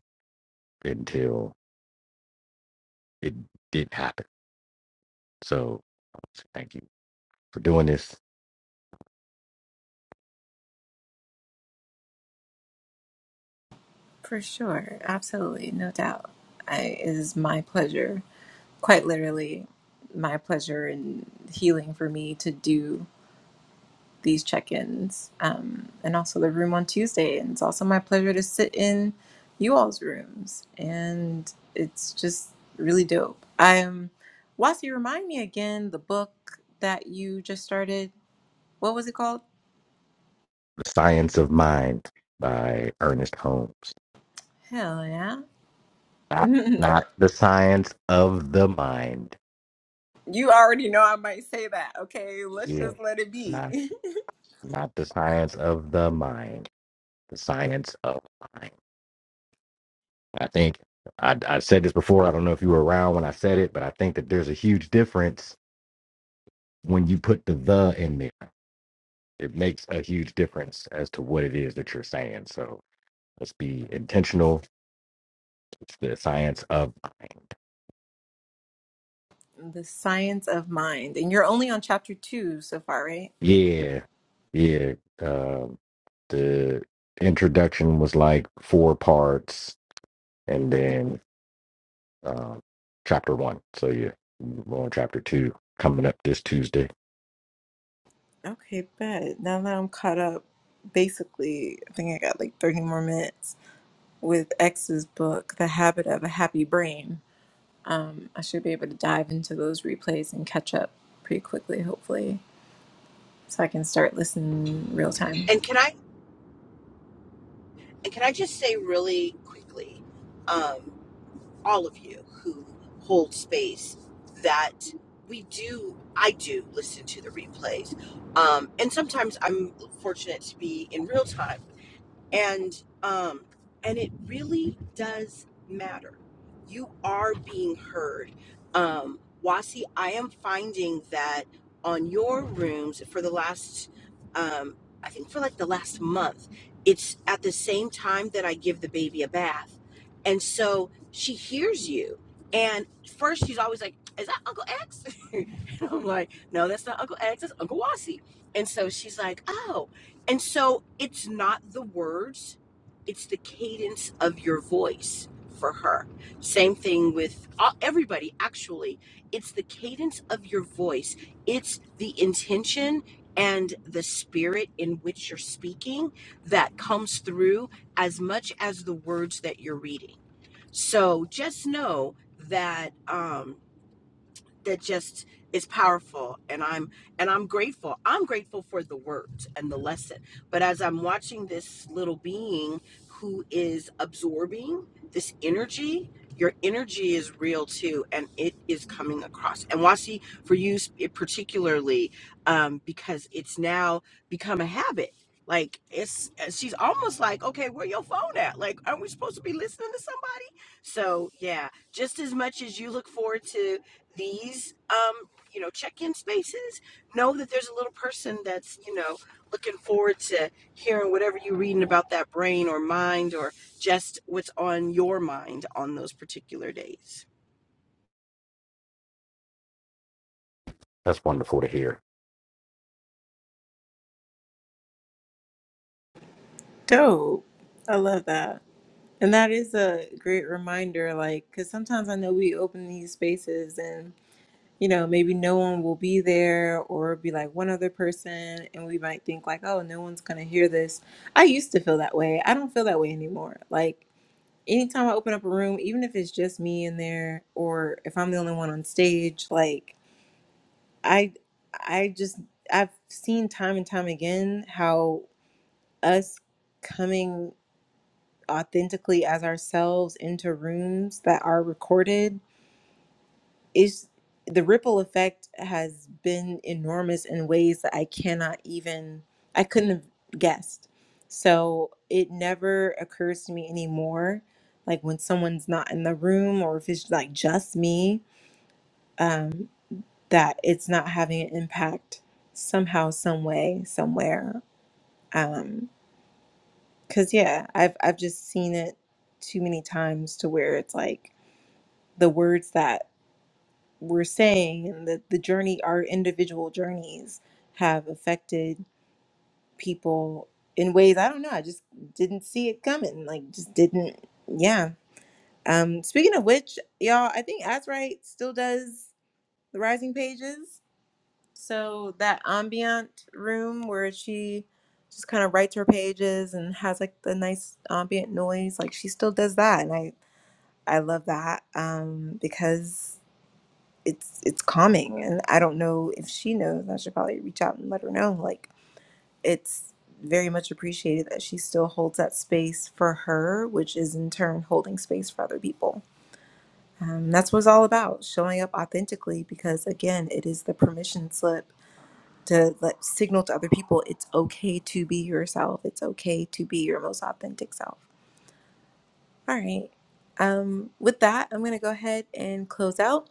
until it did happen. So thank you for doing this. for sure. Absolutely. No doubt. I, it is my pleasure, quite literally, my pleasure and healing for me to do these check-ins um, and also the room on tuesday and it's also my pleasure to sit in you all's rooms and it's just really dope i'm wasi remind me again the book that you just started what was it called The Science of Mind by Ernest Holmes. hell yeah Not, not the science of the mind. you already know i might say that okay let's Yeah. just let it be Not not the science of the mind. The science of mind. I think I, I said this before. I don't know if you were around when I said it, but I think that there's a huge difference when you put the the in there it makes a huge difference as to what it is that you're saying. So let's be intentional. It's the science of mind. the science of mind and you're only on chapter two so far right Yeah, yeah. Um, the introduction was like four parts, and then um, chapter one. So yeah, we're on chapter two coming up this Tuesday. okay bet now that i'm caught up basically i think i got like 30 more minutes with X's book, The Habit of a Happy Brain. Um, I should be able to dive into those replays and catch up pretty quickly, hopefully, so I can start listening real time. and can I and can I just say really quickly, um, all of you who hold space, that we do, I do listen to the replays, um, and sometimes I'm fortunate to be in real time and um and it really does matter you are being heard um wasi i am finding that on your rooms for the last um i think for like the last month it's at the same time that i give the baby a bath and so she hears you and first she's always like is that uncle x and i'm like no that's not uncle x that's uncle wasi and so she's like oh and so it's not the words, it's the cadence of your voice for her. Same thing with uh, everybody, actually. It's the cadence of your voice, it's the intention and the spirit in which you're speaking that comes through as much as the words that you're reading. So just know that. Um, that just is powerful and i'm and i'm grateful i'm grateful for the words and the lesson but as i'm watching this little being who is absorbing this energy your energy is real too and it is coming across and wasi for you sp- eh, particularly um, because it's now become a habit like it's eh, she's almost like okay where your phone at like aren't we supposed to be listening to somebody so yeah just as much as you look forward to these um, you know check-in spaces know that there's a little person that's you know looking forward to hearing whatever you're reading about that brain or mind or just what's on your mind on those particular days That's wonderful to hear. Dope. I love that. And that is a great reminder, like, because sometimes I know we open these spaces and, you know, maybe no one will be there or it'll be like one other person. And we might think, like, oh, no one's going to hear this. I used to feel that way. I don't feel that way anymore. Like, anytime I open up a room, even if it's just me in there or if I'm the only one on stage, like I I just I've seen time and time again how us coming authentically as ourselves into rooms that are recorded is the ripple effect has been enormous in ways that I cannot even I couldn't have guessed. So it never occurs to me anymore, like when someone's not in the room or if it's like just me, um, that it's not having an impact somehow, some way, somewhere. Um, cause yeah, I've I've just seen it too many times to where it's like the words that we're saying and that the journey our individual journeys have affected people in ways i don't know i just didn't see it coming like just didn't yeah um speaking of which y'all i think Azright still does the rising pages so that ambient room where she just kind of writes her pages and has like the nice ambient noise like she still does that and i i love that um because it's it's calming and i don't know if she knows i should probably reach out and let her know like it's very much appreciated that she still holds that space for her which is in turn holding space for other people um, that's what it's all about showing up authentically because again it is the permission slip to let signal to other people it's okay to be yourself it's okay to be your most authentic self all right um, with that i'm going to go ahead and close out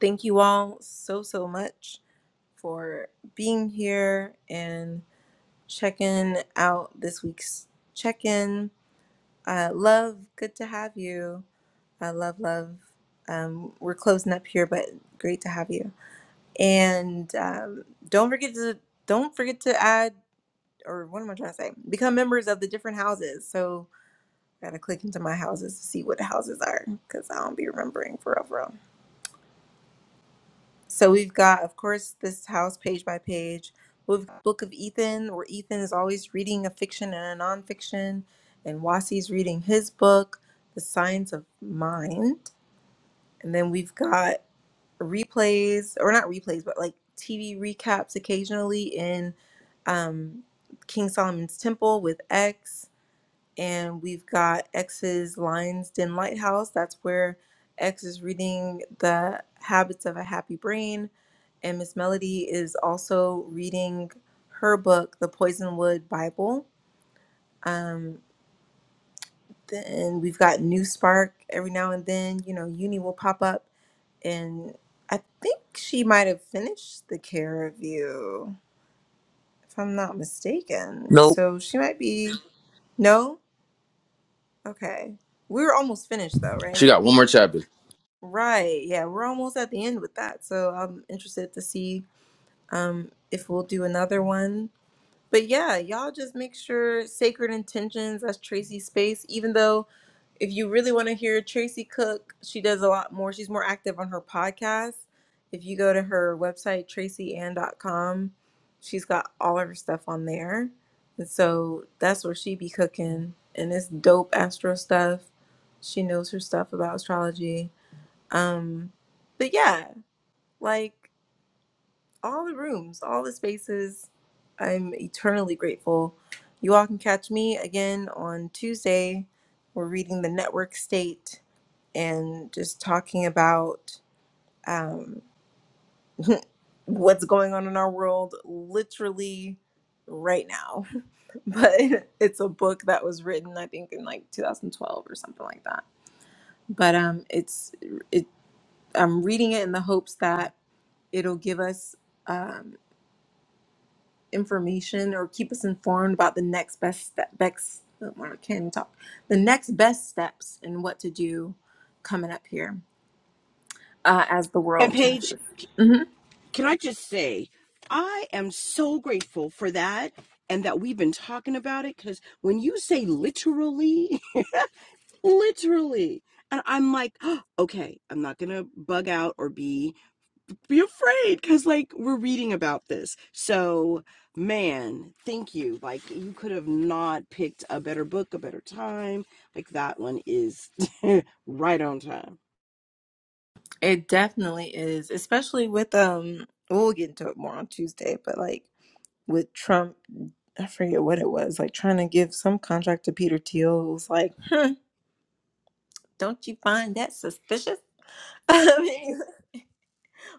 thank you all so so much for being here and checking out this week's check in. Uh, love, good to have you. I love, love. Um, we're closing up here, but great to have you. And um, don't forget to don't forget to add or what am I trying to say? Become members of the different houses. So gotta click into my houses to see what the houses are because I don't be remembering for forever. So we've got, of course, this house page by page. We've got Book of Ethan, where Ethan is always reading a fiction and a nonfiction, and Wasi's reading his book, The Science of Mind. And then we've got replays, or not replays, but like TV recaps occasionally in um, King Solomon's Temple with X and we've got X's Lion's Den Lighthouse. That's where X is reading The Habits of a Happy Brain, and Miss Melody is also reading her book, The Poisonwood Bible. Um, then we've got New Spark every now and then. You know, Uni will pop up, and I think she might have finished The Care of You, if I'm not mistaken. Nope. So she might be no. Okay, we were almost finished though, right? She got one more chapter. Right. Yeah, we're almost at the end with that. So I'm interested to see um if we'll do another one. But yeah, y'all just make sure Sacred Intentions, that's Tracy's space. Even though if you really want to hear Tracy Cook, she does a lot more. She's more active on her podcast. If you go to her website, tracyann.com, she's got all of her stuff on there. And so that's where she be cooking. And it's dope astro stuff. She knows her stuff about astrology um, but yeah, like all the rooms, all the spaces, I'm eternally grateful. You all can catch me again on Tuesday. We're reading the network state and just talking about um, what's going on in our world literally right now. But it's a book that was written, I think, in like 2012 or something like that. But um, it's it. I'm reading it in the hopes that it'll give us um, information or keep us informed about the next best step. Best, oh, I can not talk. The next best steps and what to do coming up here uh, as the and world paige changes. hmm can i just say i am so grateful for that and that we've been talking about it because when you say literally literally and i'm like oh, okay i'm not gonna bug out or be be afraid because like we're reading about this so man thank you like you could have not picked a better book a better time like that one is right on time It definitely is, especially with um. We'll get into it more on Tuesday, but like with Trump, I forget what it was. Like trying to give some contract to Peter Thiel it was like, hmm, don't you find that suspicious? I mean,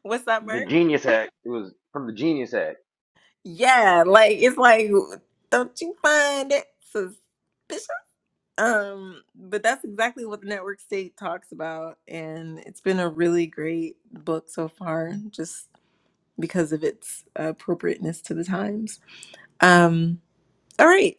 what's up, The Merc? genius act it was from the genius act. Yeah, like it's like, don't you find it suspicious? Um, but that's exactly what the network state talks about, and it's been a really great book so far, just because of its appropriateness to the times. Um, all right,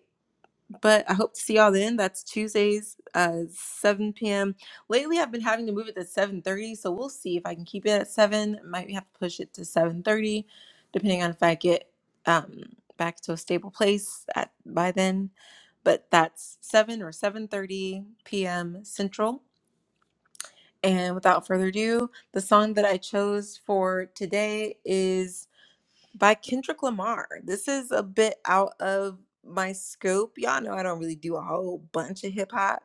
but I hope to see y'all then. That's Tuesdays, uh, 7 p.m. Lately, I've been having to move it to 7:30, so we'll see if I can keep it at seven. Might have to push it to 7:30, depending on if I get um, back to a stable place at by then. But that's seven or 7:30 p.m. Central. And without further ado, the song that I chose for today is by Kendrick Lamar. This is a bit out of my scope. Y'all know I don't really do a whole bunch of hip hop.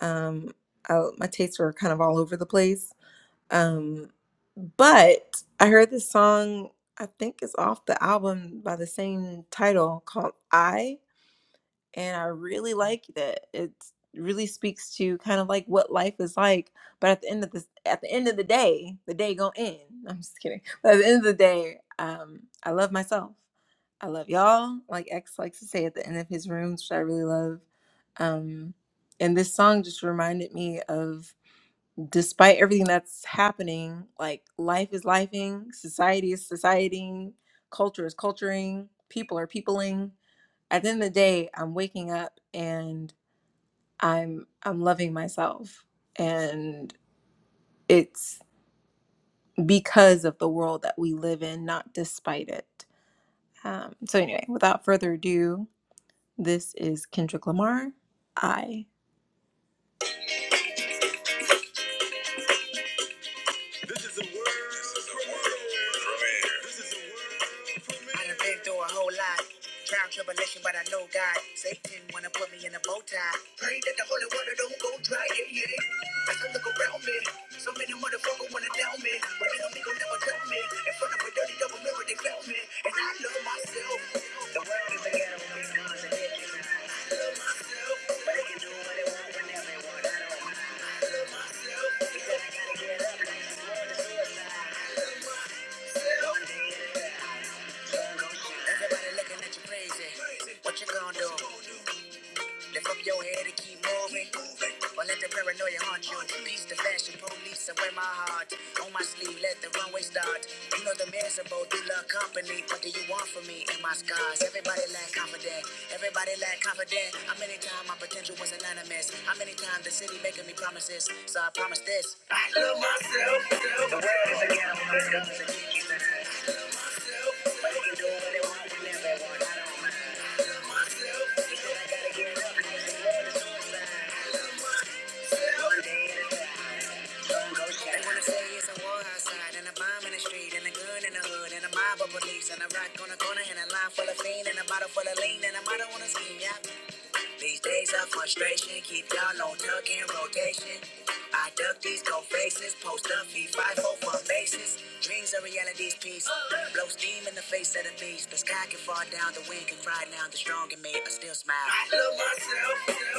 Um, I, my tastes were kind of all over the place. Um, but I heard this song. I think it's off the album by the same title called "I," and I really like that. It really speaks to kind of like what life is like. But at the end of this, at the end of the day, the day gonna end. I'm just kidding. But at the end of the day, um, I love myself. I love y'all. Like X likes to say at the end of his rooms, which I really love. Um, and this song just reminded me of despite everything that's happening, like life is lifing, society is societying, culture is culturing, people are peopling at the end of the day, I'm waking up and I'm I'm loving myself. And it's because of the world that we live in, not despite it. Um, so anyway, without further ado, this is Kendrick Lamar. I. This is a word for me. This is a word for me. I done been through a whole lot. Trial, tribulation, but I know God. Satan wanna put me in a bow tie. Pray that the holy water don't go dry. Yeah, yeah. I could look around me. So many motherfuckers wanna down me. But they don't think I'll never tell me. In front of a dirty double mirror, they clown me. And I love myself. The world is a ghetto, it does it. I love myself. But they can do what they want whenever they want. I don't mind. I love myself. Because I gotta get up. This world is suicide. I love myself. One day it'll die. Sun gon' shine. Everybody looking at you crazy. What you gonna do? Lift up your head and keep moving. Don't let the paranoia haunt you. Peace the fashion police and wear my heart. On my sleeve, let the runway start. You know the man's about you love company. What do you want from me and my scars? Everybody lack confident. Everybody lack confident. How many times my potential was anonymous? How many times the city making me promises? So I promise this. I love myself. And a rock on a corner and a line full of fiend and a bottle full of lean and a model on a scheme, yeah. These days of frustration keep y'all on tuck in rotation. I duck these cold faces, post up, feed five hope for faces. Dreams are reality's piece. Blow steam in the face of the beast. The sky can fall down, the wind can cry down, the strong in me, I still smile. I love myself.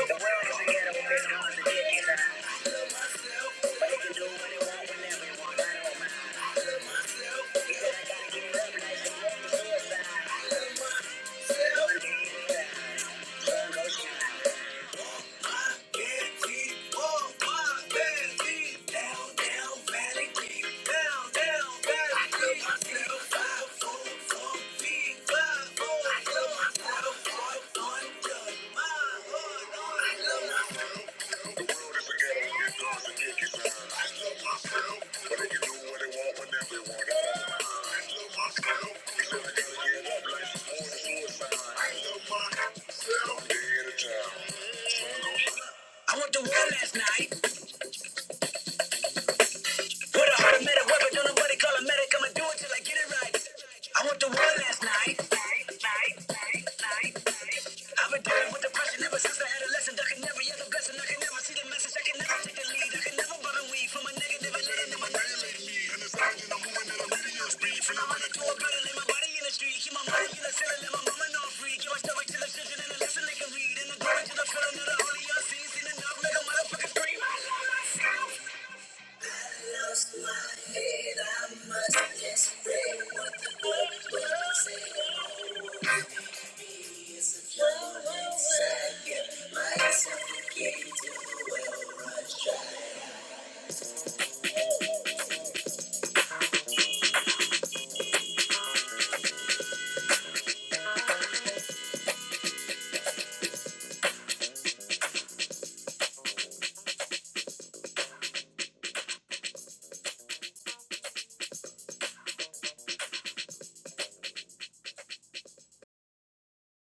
The world is together when they're to get inside. I love myself. But they can do what they want whenever they want, I don't mind. I love myself. You said I gotta get it up, like the road to suicide. I love myself. I went to war last night. Put a automatic weapon, don't nobody call a medic. I'ma do it till I get it right. I went to war last night. I've been dealing with depression ever since I had a lesson. I could never get the blessing. I could never see the message. I lost my head. I must express what the world will say. Maybe It's a flow inside. Give myself a key to the well.